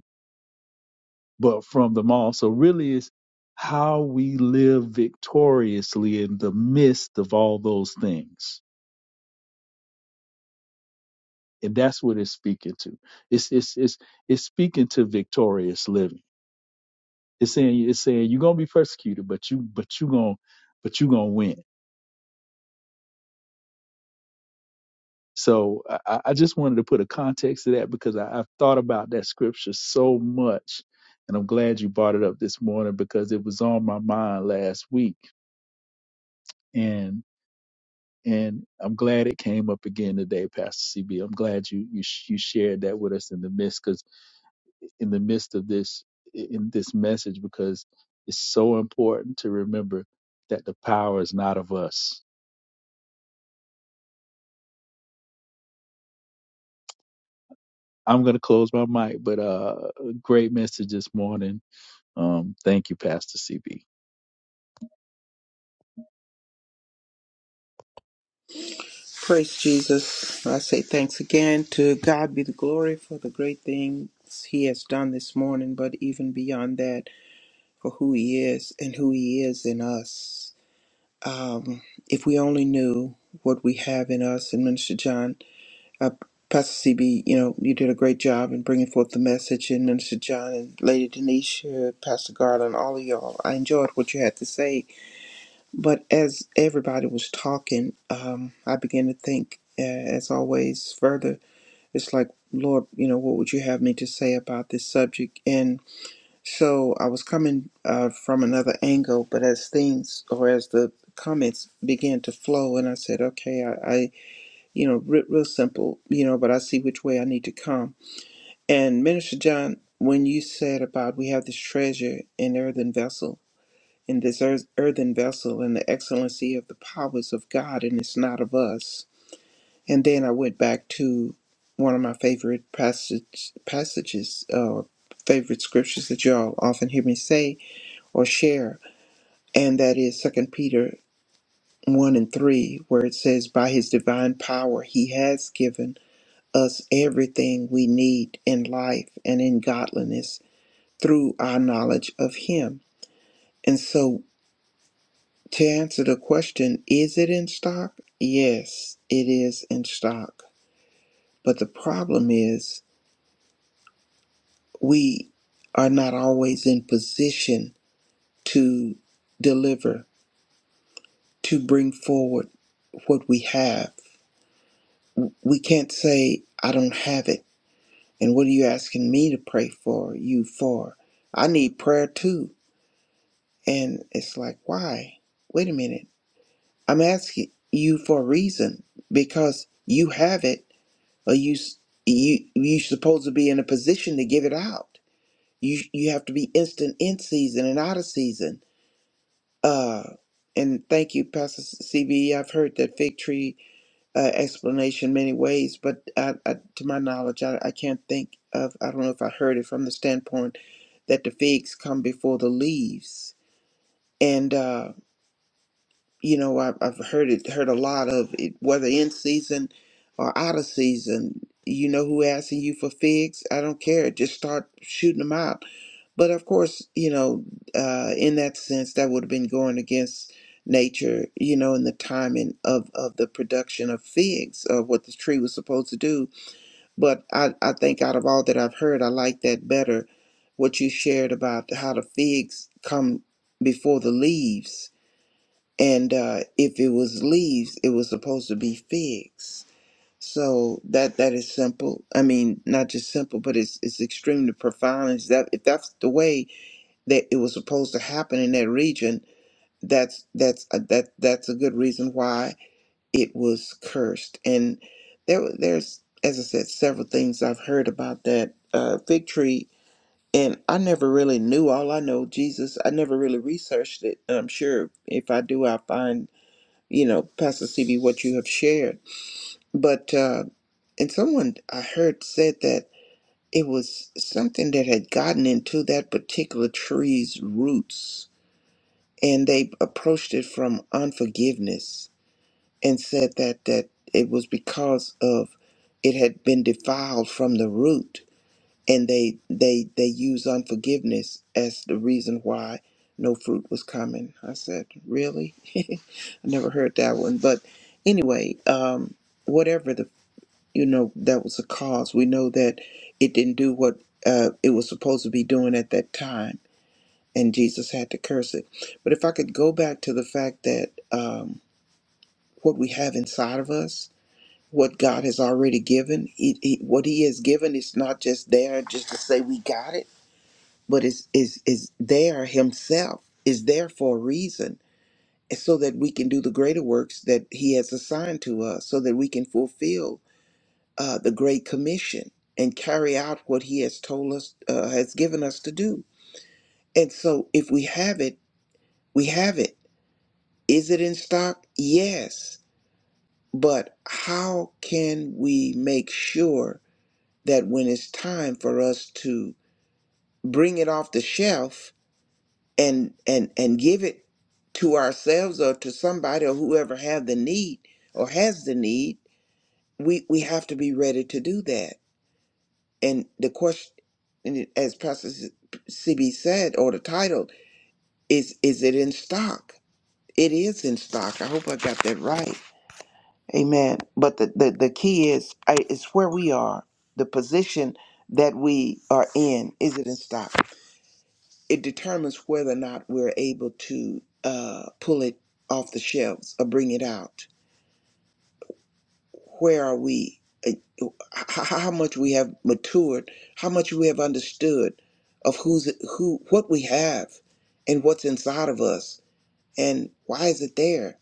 D: but from them all. So really it's how we live victoriously in the midst of all those things. And that's what it's speaking to. It's it's it's it's speaking to victorious living. It's saying it's saying you're gonna be persecuted, but you but you gonna but you gonna win. So I, I just wanted to put a context to that because I, I've thought about that scripture so much. And I'm glad you brought it up this morning because it was on my mind last week. and. and I'm glad it came up again today, Pastor CB. I'm glad you you sh- you shared that with us in the midst, because in the midst of this in this message, because it's so important to remember that the power is not of us. I'm gonna close my mic, but uh, great message this morning Um, thank you, Pastor CB.
B: Praise Jesus. I say thanks again to God be the glory for the great things He has done this morning, but even beyond that, for who He is and who He is in us. Um, if we only knew what we have in us, and Minister John, uh, Pastor CB, you know, you did a great job in bringing forth the message, and Minister John and Lady Denisha, Pastor Garland, all of y'all. I enjoyed what you had to say But as everybody was talking, um, I began to think, uh, as always, further. It's like, Lord, you know, what would you have me to say about this subject? And so I was coming uh, from another angle, but as things or as the comments began to flow, and I said, okay, I, I you know, re- real simple, you know, but I see which way I need to come. And Minister John, when you said about we have this treasure in earthen vessel, in this earth, earthen vessel and the excellency of the powers of God, and it's not of us. And then I went back to one of my favorite passage, passages, uh, favorite scriptures that y'all often hear me say or share, and that is Second Peter 1 and 3, where it says, By his divine power, he has given us everything we need in life and in godliness through our knowledge of him. And so To answer the question, is it in stock? Yes, it is in stock. But the problem is we are not always in position to deliver, to bring forward what we have. We can't say, I don't have it. And what are you asking me to pray for you for? I need prayer too. And it's like, why? Wait a minute. I'm asking you for a reason because you have it Or you s- you you supposed to be in a position to give it out. You you have to be instant in season and out of season. Uh, and thank you, Pastor CB. I've heard that fig tree uh, explanation many ways, but I, I, to my knowledge, I, I can't think of. I don't know if I heard it from the standpoint that the figs come before the leaves, and. uh, you know I've, I've heard it heard a lot of it whether in season or out of season you know who asking you for figs i don't care just start shooting them out but of course you know uh, in that sense that would have been going against nature you know in the timing of of the production of figs of what the tree was supposed to do but i i think out of all that i've heard i like that better what you shared about how the figs come before the leaves and uh, if it was leaves, it was supposed to be figs. So that that is simple. I mean, not just simple, but it's it's extremely profound. Is that if that's the way that it was supposed to happen in that region, that's that's a, that that's a good reason why it was cursed. And there were- there's as I said, several things I've heard about that uh, fig tree. And I never really knew. All I know, Jesus. I never really researched it. And I'm sure if I do, I will find you know, Pastor CB, what you have shared. But, uh, and someone I heard said that it was something that had gotten into that particular tree's roots and they approached it from unforgiveness and said that, that it was because of it had been defiled from the root and they they they use unforgiveness as the reason why no fruit was coming i said really i never heard that one but anyway um whatever the you know that was the cause we know that it didn't do what uh, it was supposed to be doing at that time and jesus had to curse it but if i could go back to the fact that um what we have inside of us what god has already given he, he, what he has given is not just there just to say we got it but is is is there himself is there for a reason so that we can do the greater works that he has assigned to us so that we can fulfill uh, the great commission and carry out what he has told us uh, has given us to do and so if we have it we have it is it in stock yes but how can we make sure that when it's time for us to bring it off the shelf and and and give it to ourselves or to somebody or whoever have the need or has the need we we have to be ready to do that and the question and it- as pastor cb said or the title is is it in stock it is in stock i hope i got that right amen but the the, the key is I- it's where we are the position that we are in is it in stock it determines whether or not we're able to uh, pull it off the shelves or bring it out. Where are we? uh, How much we have matured? How much we have understood of who's who, what we have, and what's inside of us, and why is it there?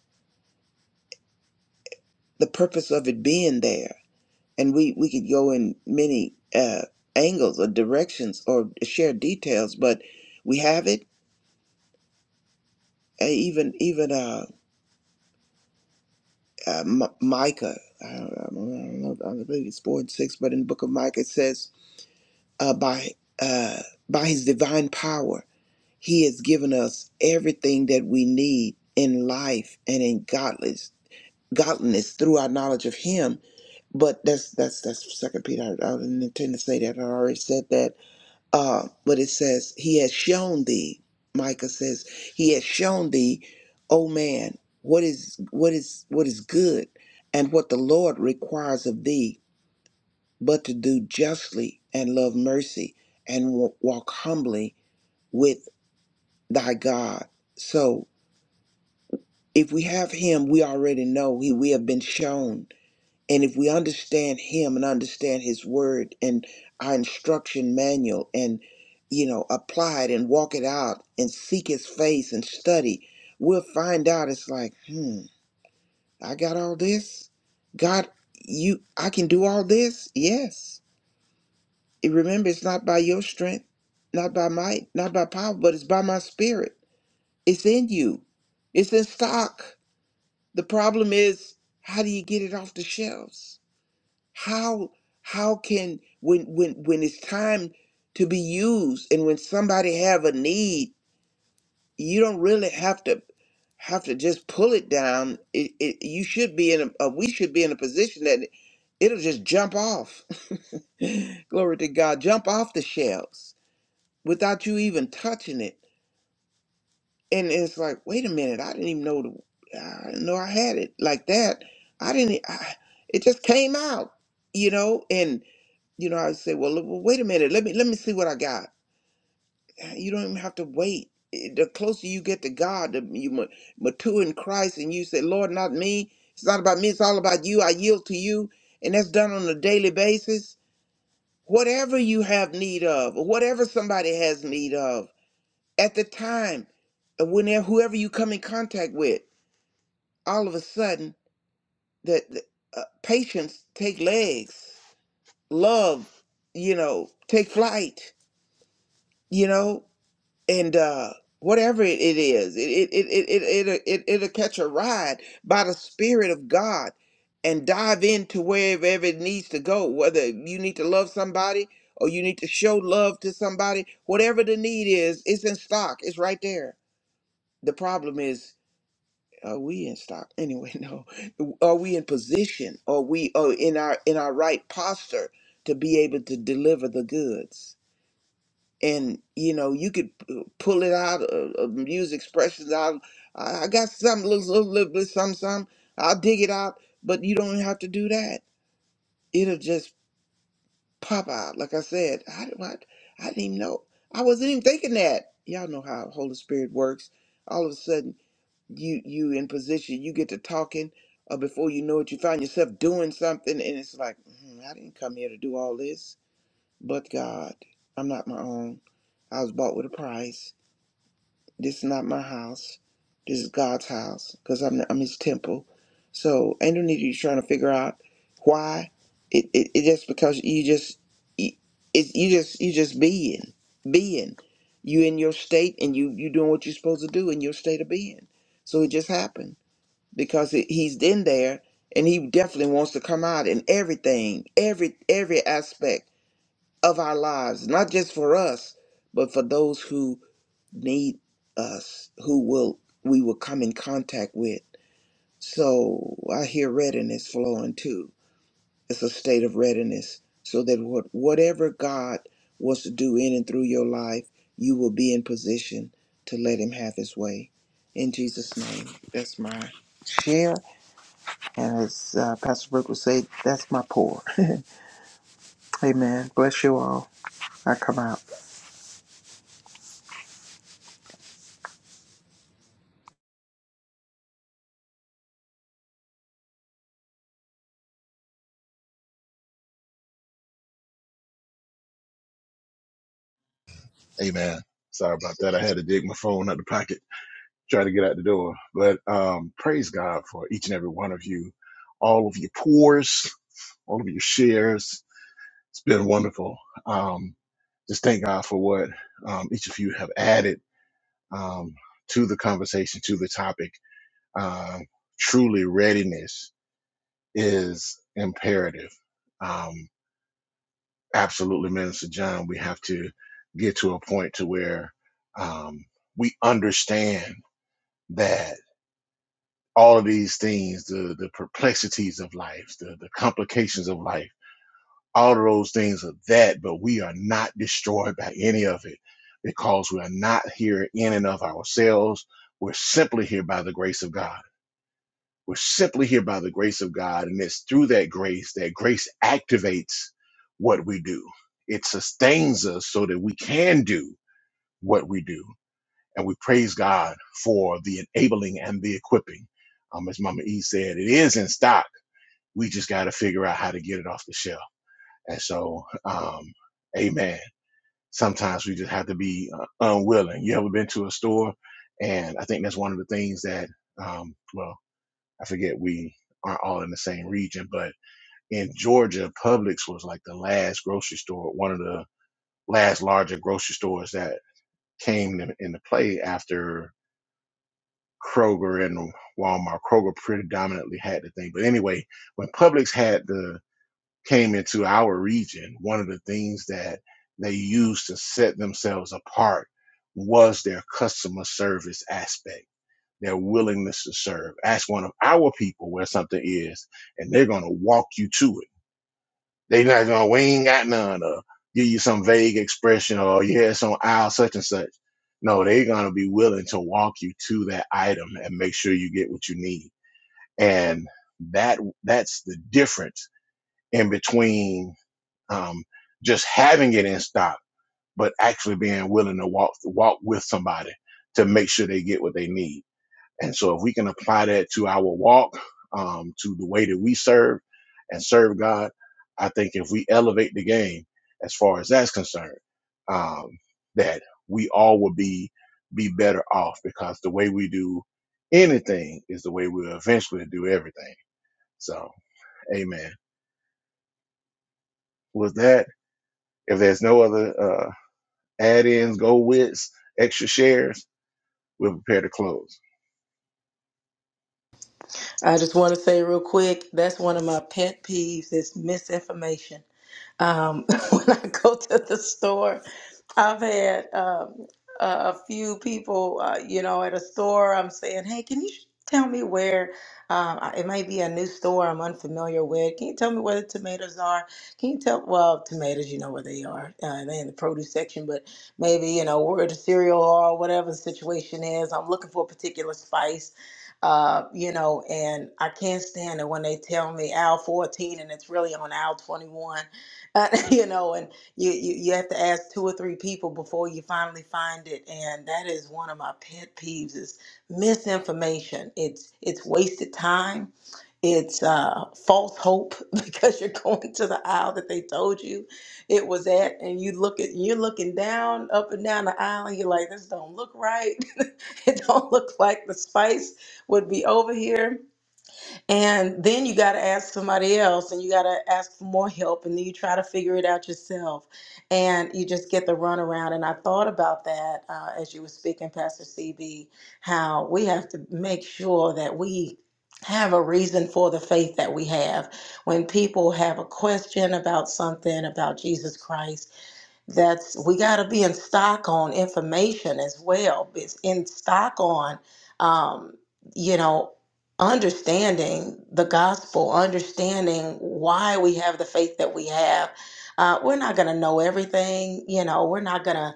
B: The purpose of it being there, and we we could go in many uh, angles or directions or share details, but we have it. uh, Even even uh, uh, M- Micah. I don't, I don't know. I don't believe it's four and six, but in the book of Micah it says, uh, "By uh, by His divine power, He has given us everything that we need in life and in godliness, godliness through our knowledge of Him." But that's that's that's Second Peter. I, I didn't intend to say that. I already said that uh, but it says, He has shown thee, Micah says, He has shown thee, O man, what is what is what is good and what the Lord requires of thee, but to do justly and love mercy and wa- walk humbly with thy God. So if we have him, we already know he we have been shown. And if we understand him and understand his word and our instruction manual and, you know, apply it and walk it out and seek his face and study, we'll find out it's like, hmm, I got all this. God, you, I can do all this. Yes. And remember, it's not by your strength, not by might, not by power, but it's by my spirit. It's in you, it's in stock. The problem is, how do you get it off the shelves? how how can when when when it's time to be used and when somebody have a need you don't really have to have to just pull it down it, it you should be in a uh, we should be in a position that it'll just jump off glory to god jump off the shelves without you even touching it and it's like wait a minute i didn't even know the, i didn't know i had it like that i didn't I, it just came out you know and. you know, I say, well, look, well, wait a minute. Let me let me see what I got. You don't even have to wait. It- The closer you get to God, the you ma- mature in Christ, and you say, Lord, not me. It's not about me. It's all about you. I yield to you, and that's done on a daily basis. Whatever you have need of, or whatever somebody has need of at the time, and whenever whoever you come in contact with, all of a sudden, that that, uh, patience take legs, love, you know, take flight you know and uh whatever it, it is it it it it it it it- it'll catch a ride by the spirit of god and dive into wherever it needs to go whether you need to love somebody or you need to show love to somebody whatever the need is it's in stock it's right there the problem is are we in stock anyway no are we in position are we are in our in our right posture to be able to deliver the goods and you know you could p- pull it out uh, uh, use expressions out i, I got some little, little, little bit some some i'll dig it out but you don't have to do that it'll just pop out like i said i, d- I, I didn't even know i wasn't even thinking that y'all know how holy spirit works all of a sudden you you in position you get to talking uh, before you know it you find yourself doing something and it's like "Hmm, i didn't come here to do all this but god i'm not my own i was bought with a price This is not my house. This is God's house because I'm, I'm his temple. So ain't no need you trying to figure out why. It, it, it just because you just you, it, you just you just being being you in your state and you you doing what you're supposed to do in your state of being. So it just happened because it, he's in there and he definitely wants to come out in everything, every every aspect of our lives, not just for us, but for those who need us, who will we will come in contact with. So I hear readiness flowing too. It's a state of readiness, so that what whatever God wants to do in and through your life, you will be in position to let Him have His way. In Jesus' name, that's my share, and as uh, Pastor Brooke would say, that's my pour. Amen. Bless you all. I come out.
A: Amen. Sorry about that. I had to dig my phone out the pocket, try to get out the door. But um, praise God for each and every one of you, all of your pores, all of your shares. It's been wonderful. Um, just thank God for what um, each of you have added um, to the conversation, to the topic. Um, truly, readiness is imperative. Um, absolutely, Minister John, we have to get to a point to where um, we understand that all of these things, the, the perplexities of life, the, the complications of life, All of those things are that, but we are not destroyed by any of it because we are not here in and of ourselves. We're simply here by the grace of God. We're simply here by the grace of God. And it's through that grace that grace activates what we do, it sustains us so that we can do what we do. And we praise God for the enabling and the equipping. Um, as Mama E said, it is in stock. We just got to figure out how to get it off the shelf. And so, um, amen. Sometimes we just have to be uh, unwilling. You ever been to a store? And I think that's one of the things that, um, well, I forget we aren't all in the same region, but in Georgia, Publix was like the last grocery store, one of the last larger grocery stores that came in- into play after Kroger and Walmart. Kroger predominantly had the thing. But anyway, when Publix had the came into our region, one of the things that they used to set themselves apart was their customer service aspect, their willingness to serve. Ask one of our people where something is, and they're gonna walk you to it. They're not gonna, we ain't got none, or give you some vague expression, or yeah, it's on aisle such and such. No, they're gonna be willing to walk you to that item and make sure you get what you need. And that that's the difference in between um, just having it in stock, but actually being willing to walk walk with somebody to make sure they get what they need. And so, if we can apply that to our walk, um, to the way that we serve and serve God, I think if we elevate the game as far as that's concerned, um, that we all will be be better off because the way we do anything is the way we'll eventually do everything. So, Amen. With that, if there's no other uh, add ins, go wits, extra shares, we're prepared to close.
C: I just want to say real quick that's one of my pet peeves is misinformation um, when I go to the store. I've had um, a a few people, uh, you know, at a store. I'm saying, "Hey, can you sh- tell me where? Um, I- it might be a new store I'm unfamiliar with. Can you tell me where the tomatoes are? Can you tell? Well, tomatoes, you know where they are. Uh, they're in the produce section, but maybe you know where the cereal are, whatever the situation is. I'm looking for a particular spice." Uh, you know, and I can't stand it when they tell me aisle 14 and it's really on aisle 21 uh, you know, and you, you you have to ask two or three people before you finally find it, and that is one of my pet peeves is misinformation. It's it's wasted time, it's uh, false hope because you're going to the aisle that they told you it was at, and you look at you're looking down, up and down the aisle, and you're like, this don't look right. it don't look like the spice would be over here and then you got to ask somebody else and you got to ask for more help. And then you try to figure it out yourself. And you just get the runaround. And I thought about that uh, as you were speaking, Pastor CB, how we have to make sure that we have a reason for the faith that we have. When people have a question about something, about Jesus Christ, that's we got to be in stock on information as well it's in stock on um, you know understanding the gospel understanding why we have the faith that we have uh, we're not going to know everything you know we're not going to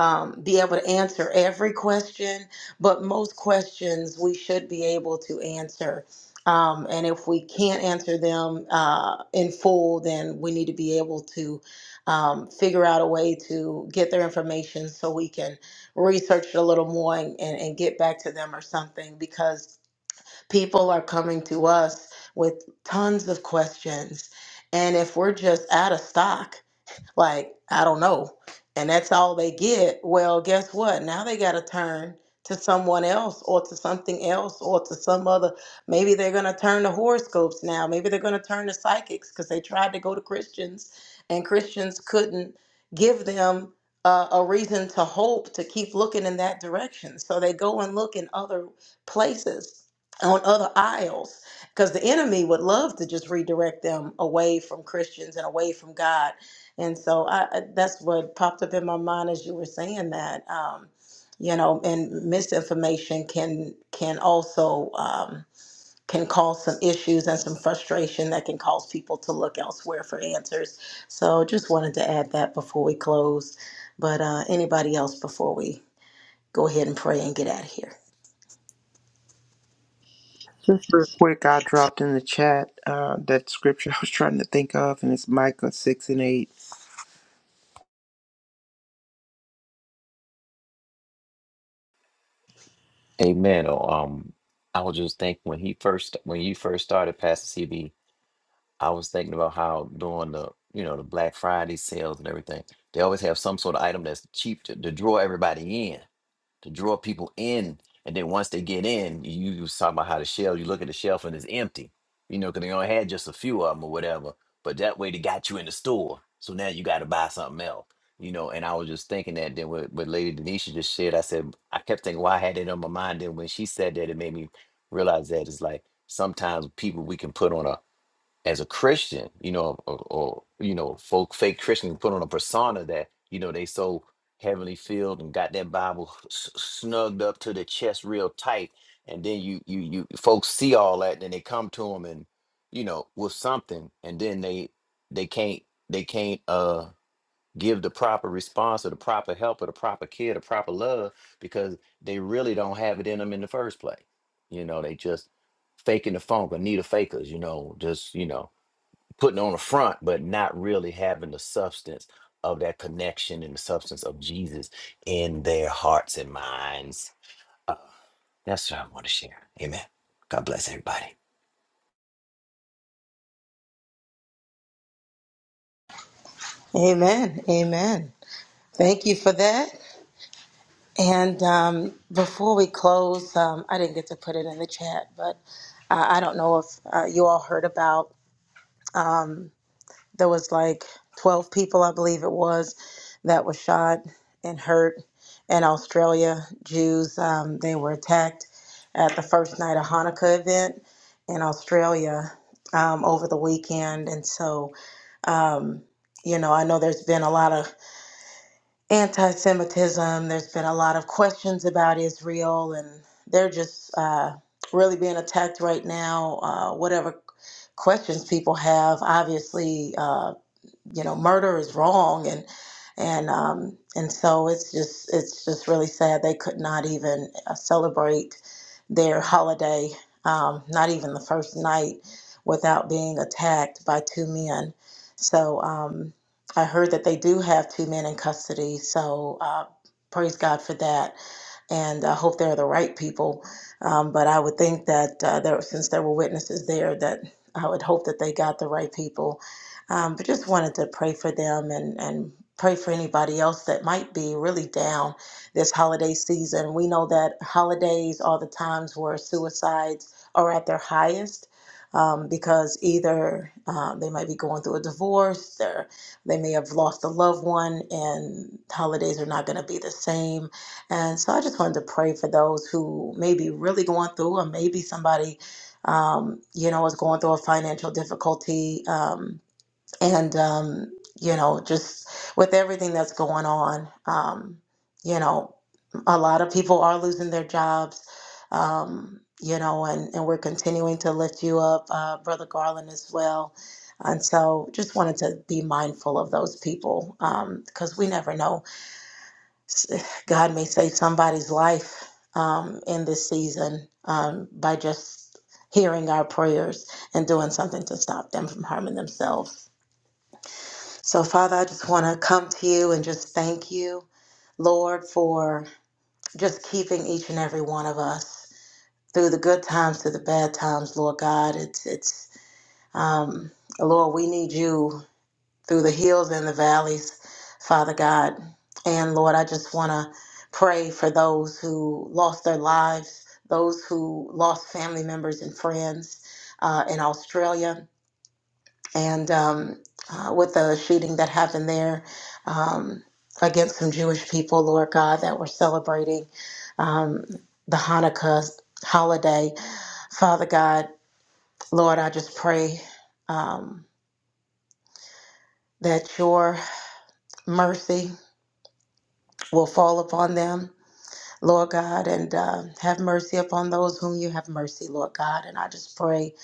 C: um, be able to answer every question but most questions we should be able to answer um, and if we can't answer them uh, in full then we need to be able to um, figure out a way to get their information so we can research it a little more and, and, and get back to them or something because people are coming to us with tons of questions. And if we're just out of stock, like, I don't know. And that's all they get. Well, guess what? Now they got to turn to someone else or to something else or to some other. Maybe they're going to turn to horoscopes now. Maybe they're going to turn to psychics because they tried to go to Christians and Christians couldn't give them uh, a reason to hope to keep looking in that direction. So they go and look in other places, on other aisles because the enemy would love to just redirect them away from Christians and away from God and so I, I- that's what popped up in my mind as you were saying that. Um, you know, and misinformation can can also um, can cause some issues and some frustration that can cause people to look elsewhere for answers. So just wanted to add that before we close. But uh, anybody else before we go ahead and pray and get out of here?
B: Just real quick, I dropped in the chat uh, that scripture I was trying to think of, and it's Micah 6 and 8.
E: you. Amen. Oh, um, I was just thinking when he first when you first started, Pastor CB I was thinking about how during the you know the Black Friday sales and everything, they always have some sort of item that's cheap to, to draw everybody in, to draw people in, and then once they get in, you, you was talking about how the shelf. You look at the shelf and it's empty, you know, because they only had just a few of them or whatever. But that way they got you in the store, so now you got to buy something else, you know. And I was just thinking that then what, what Lady Denisha just said, I said I kept thinking why I had it on my mind. Then when she said that, it made me realize that it's like sometimes people we can put on a as a Christian, you know, or, or you know, folk fake Christian put on a persona that you know they so heavenly filled and got that Bible s- snugged up to the chest real tight, and then you you you folks see all that, and then they come to them and you know with something, and then they they can't they can't uh give the proper response or the proper help or the proper care, the proper love because they really don't have it in them in the first place. You know, they just faking the funk or need a fakers. You know, just you know putting on a front, but not really having the substance of that connection and the substance of Jesus in their hearts and minds. Uh, that's what I want to share. Amen. God bless everybody.
C: Amen. Amen. Thank you for that. And um, before we close, um, I didn't get to put it in the chat, but uh, I don't know if uh, you all heard about um, there was like 12 people, I believe it was, that were shot and hurt in Australia. Jews, um, they were attacked at the first night of Hanukkah event in Australia um, over the weekend. And so, um, you know, I know there's been a lot of anti Semitism. There's been a lot of questions about Israel, and they're just uh, really being attacked right now. Uh, whatever questions people have, obviously. uh, you know murder is wrong and and um and so it's just it's just really sad they could not even uh, celebrate their holiday um not even the first night without being attacked by two men so um I heard that they do have two men in custody so uh praise God for that and I hope they're the right people. Um, but I would think that uh, there, since there were witnesses there, that I would hope that they got the right people. Um, but just wanted to pray for them and and pray for anybody else that might be really down this holiday season. We know that holidays are the times where suicides are at their highest. Um, because either uh, they might be going through a divorce, or they may have lost a loved one, and holidays are not going to be the same and so I just wanted to pray for those who may be really going through, or maybe somebody, um, you know, is going through a financial difficulty. Um, and, um, you know, just with everything that's going on, um, you know, a lot of people are losing their jobs. Um, you know, and, and we're continuing to lift you up, uh, Brother Garland, as well. And so just wanted to be mindful of those people because we never know God may save somebody's life um, in this season um, by just hearing our prayers and doing something to stop them from harming themselves. So, Father, I just want to come to you and just thank you, Lord, for just keeping each and every one of us through the good times to the bad times, Lord God. It's it's um, Lord, we need you through the hills and the valleys, Father God. And Lord, I just want to pray for those who lost their lives, those who lost family members and friends uh, in Australia, and um, uh, with the shooting that happened there um, against some Jewish people, Lord God, that were celebrating um, the Hanukkah holiday. Father God, Lord, I just pray um, that your mercy will fall upon them, Lord God, and uh, have mercy upon those whom you have mercy, Lord God. And I just pray,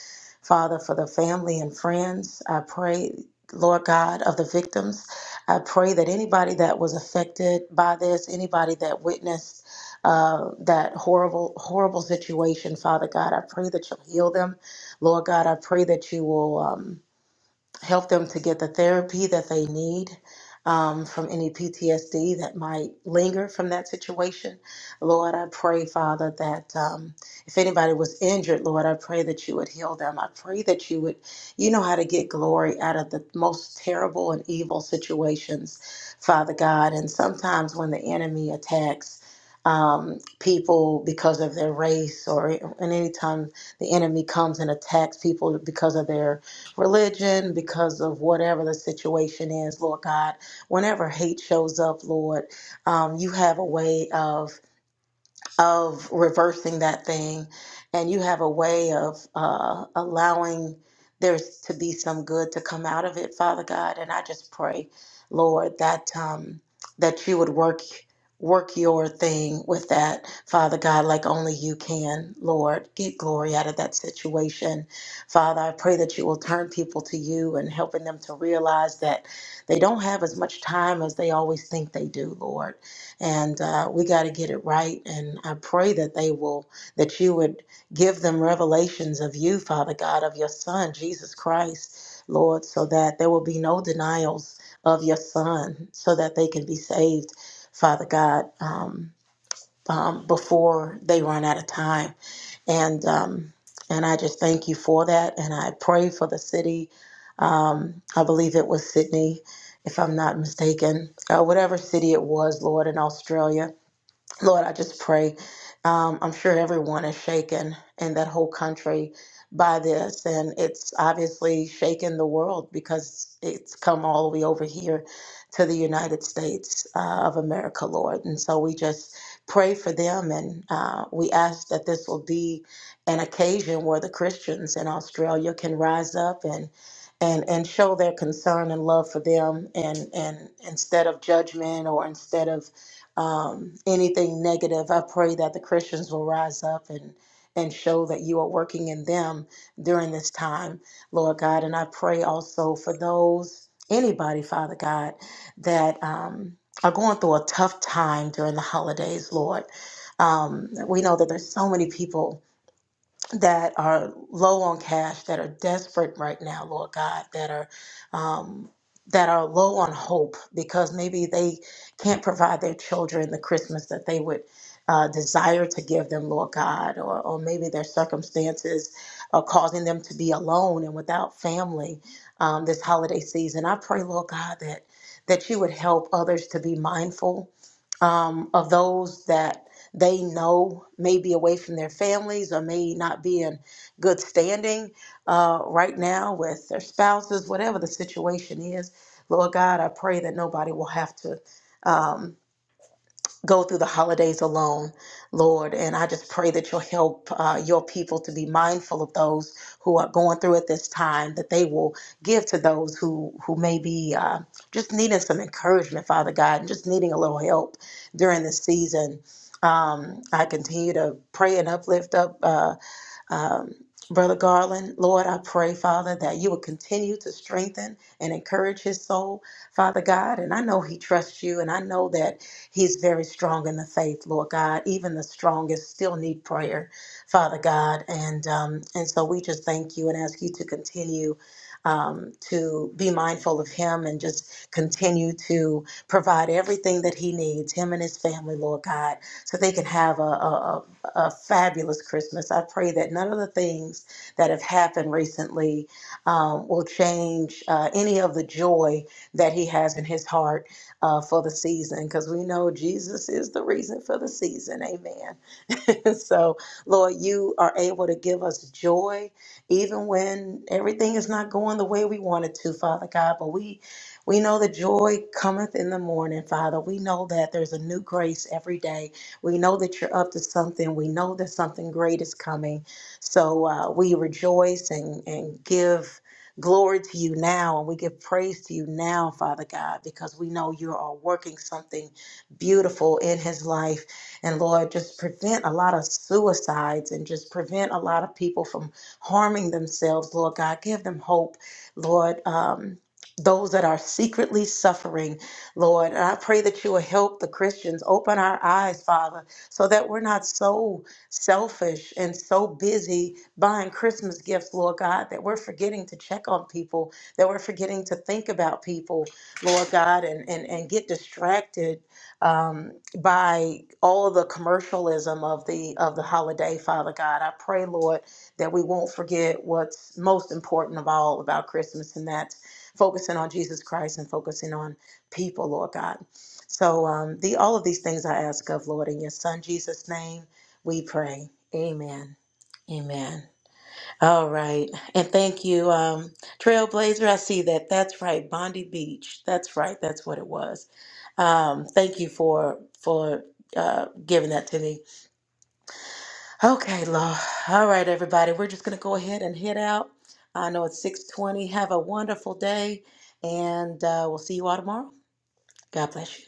C: Father, for the family and friends. I pray, Lord God, of the victims. I pray that anybody that was affected by this, anybody that witnessed uh, that horrible, horrible situation, Father God, I pray that you'll heal them, Lord God. I pray that you will. Um, help them to get the therapy that they need um, from any PTSD that might linger from that situation. Lord, I pray, Father, that um, if anybody was injured, Lord, I pray that you would heal them. I pray that you would, you know how to get glory out of the most terrible and evil situations, Father God. And sometimes when the enemy attacks, um, people because of their race, or and anytime the enemy comes and attacks people because of their religion, because of whatever the situation is, Lord God. Whenever hate shows up, Lord, um, you have a way of of reversing that thing and you have a way of uh, allowing there to be some good to come out of it father god and i just pray lord that um that you would work work your thing with that father god like only you can lord get glory out of that situation father i pray that you will turn people to you and helping them to realize that they don't have as much time as they always think they do lord and uh, we got to get it right. And I pray that they will, that you would give them revelations of you, Father God, of your Son, Jesus Christ, Lord, so that there will be no denials of your Son, so that they can be saved, Father God, um, um, before they run out of time. And um, and I just thank you for that, and I pray for the city. Um, I believe it was Sydney if I'm not mistaken, uh, whatever city it was, Lord, in Australia Lord, I just pray. Um, I'm sure everyone is shaken in that whole country by this, and it's obviously shaken the world because it's come all the way over here to the United States uh, of America, Lord. And so we just pray for them, and uh, we ask that this will be an occasion where the Christians in Australia can rise up and. And, and show their concern and love for them and, and instead of judgment or instead of um, anything negative. I pray that the Christians will rise up and and show that you are working in them during this time, Lord God. And I pray also for those anybody, Father God, that um, are going through a tough time during the holidays, Lord. Um, we know that there's so many people that are low on cash, that are desperate right now, Lord God, that are um, that are low on hope because maybe they can't provide their children the Christmas that they would uh, desire to give them, Lord God, or, or maybe their circumstances are causing them to be alone and without family um, this holiday season. I pray, Lord God, that that you would help others to be mindful um, of those that they know may be away from their families or may not be in good standing uh, right now with their spouses, whatever the situation is. Lord God, I pray that nobody will have to. Um, go through the holidays alone, Lord. And I just pray that you'll help uh, your people to be mindful of those who are going through at this time, that they will give to those who, who may be uh, just needing some encouragement, Father God, and just needing a little help during this season. Um, I continue to pray and uplift up. uh, um, Brother Garland, Lord, I pray, Father, that you will continue to strengthen and encourage his soul, Father God. And I know he trusts you, and I know that he's very strong in the faith, Lord God. Even the strongest still need prayer, Father God. And um, and so we just thank you and ask you to continue um, to be mindful of him and just continue to provide everything that he needs, him and his family, Lord God, so they can have a, a, a fabulous Christmas. I pray that none of the things that have happened recently um, will change uh, any of the joy that he has in his heart uh, for the season, because we know Jesus is the reason for the season. Amen. so, Lord, you are able to give us joy even when everything is not going the way we want it to, Father God. But we we know that joy cometh in the morning, Father. We know that there's a new grace every day. We know that you're up to something. We know that something great is coming. So uh, we rejoice and, and give glory to you now and we give praise to you now, Father God, because we know you are working something beautiful in his life. And Lord, just prevent a lot of suicides and just prevent a lot of people from harming themselves, Lord God. Give them hope, Lord. Um, those that are secretly suffering Lord. And I pray that you will help the Christians open our eyes, Father, so that we're not so selfish and so busy buying Christmas gifts, Lord God, that we're forgetting to check on people, that we're forgetting to think about people, Lord God, and, and, and get distracted um, by all the commercialism of the of the holiday, Father God. I pray, Lord, that we won't forget what's most important of all about Christmas, and that's focusing on Jesus Christ and focusing on people, Lord God. So um, the all of these things I ask of Lord in your Son Jesus' name, we pray. Amen. Amen. All right, and thank you, um, Trailblazer. I see that. That's right, Bondi Beach. That's right. That's what it was. Um, thank you for for uh, giving that to me. Okay, Lord. All right, everybody. We're just gonna go ahead and head out. I know it's six twenty. Have a wonderful day, and uh, we'll see you all tomorrow. God bless you.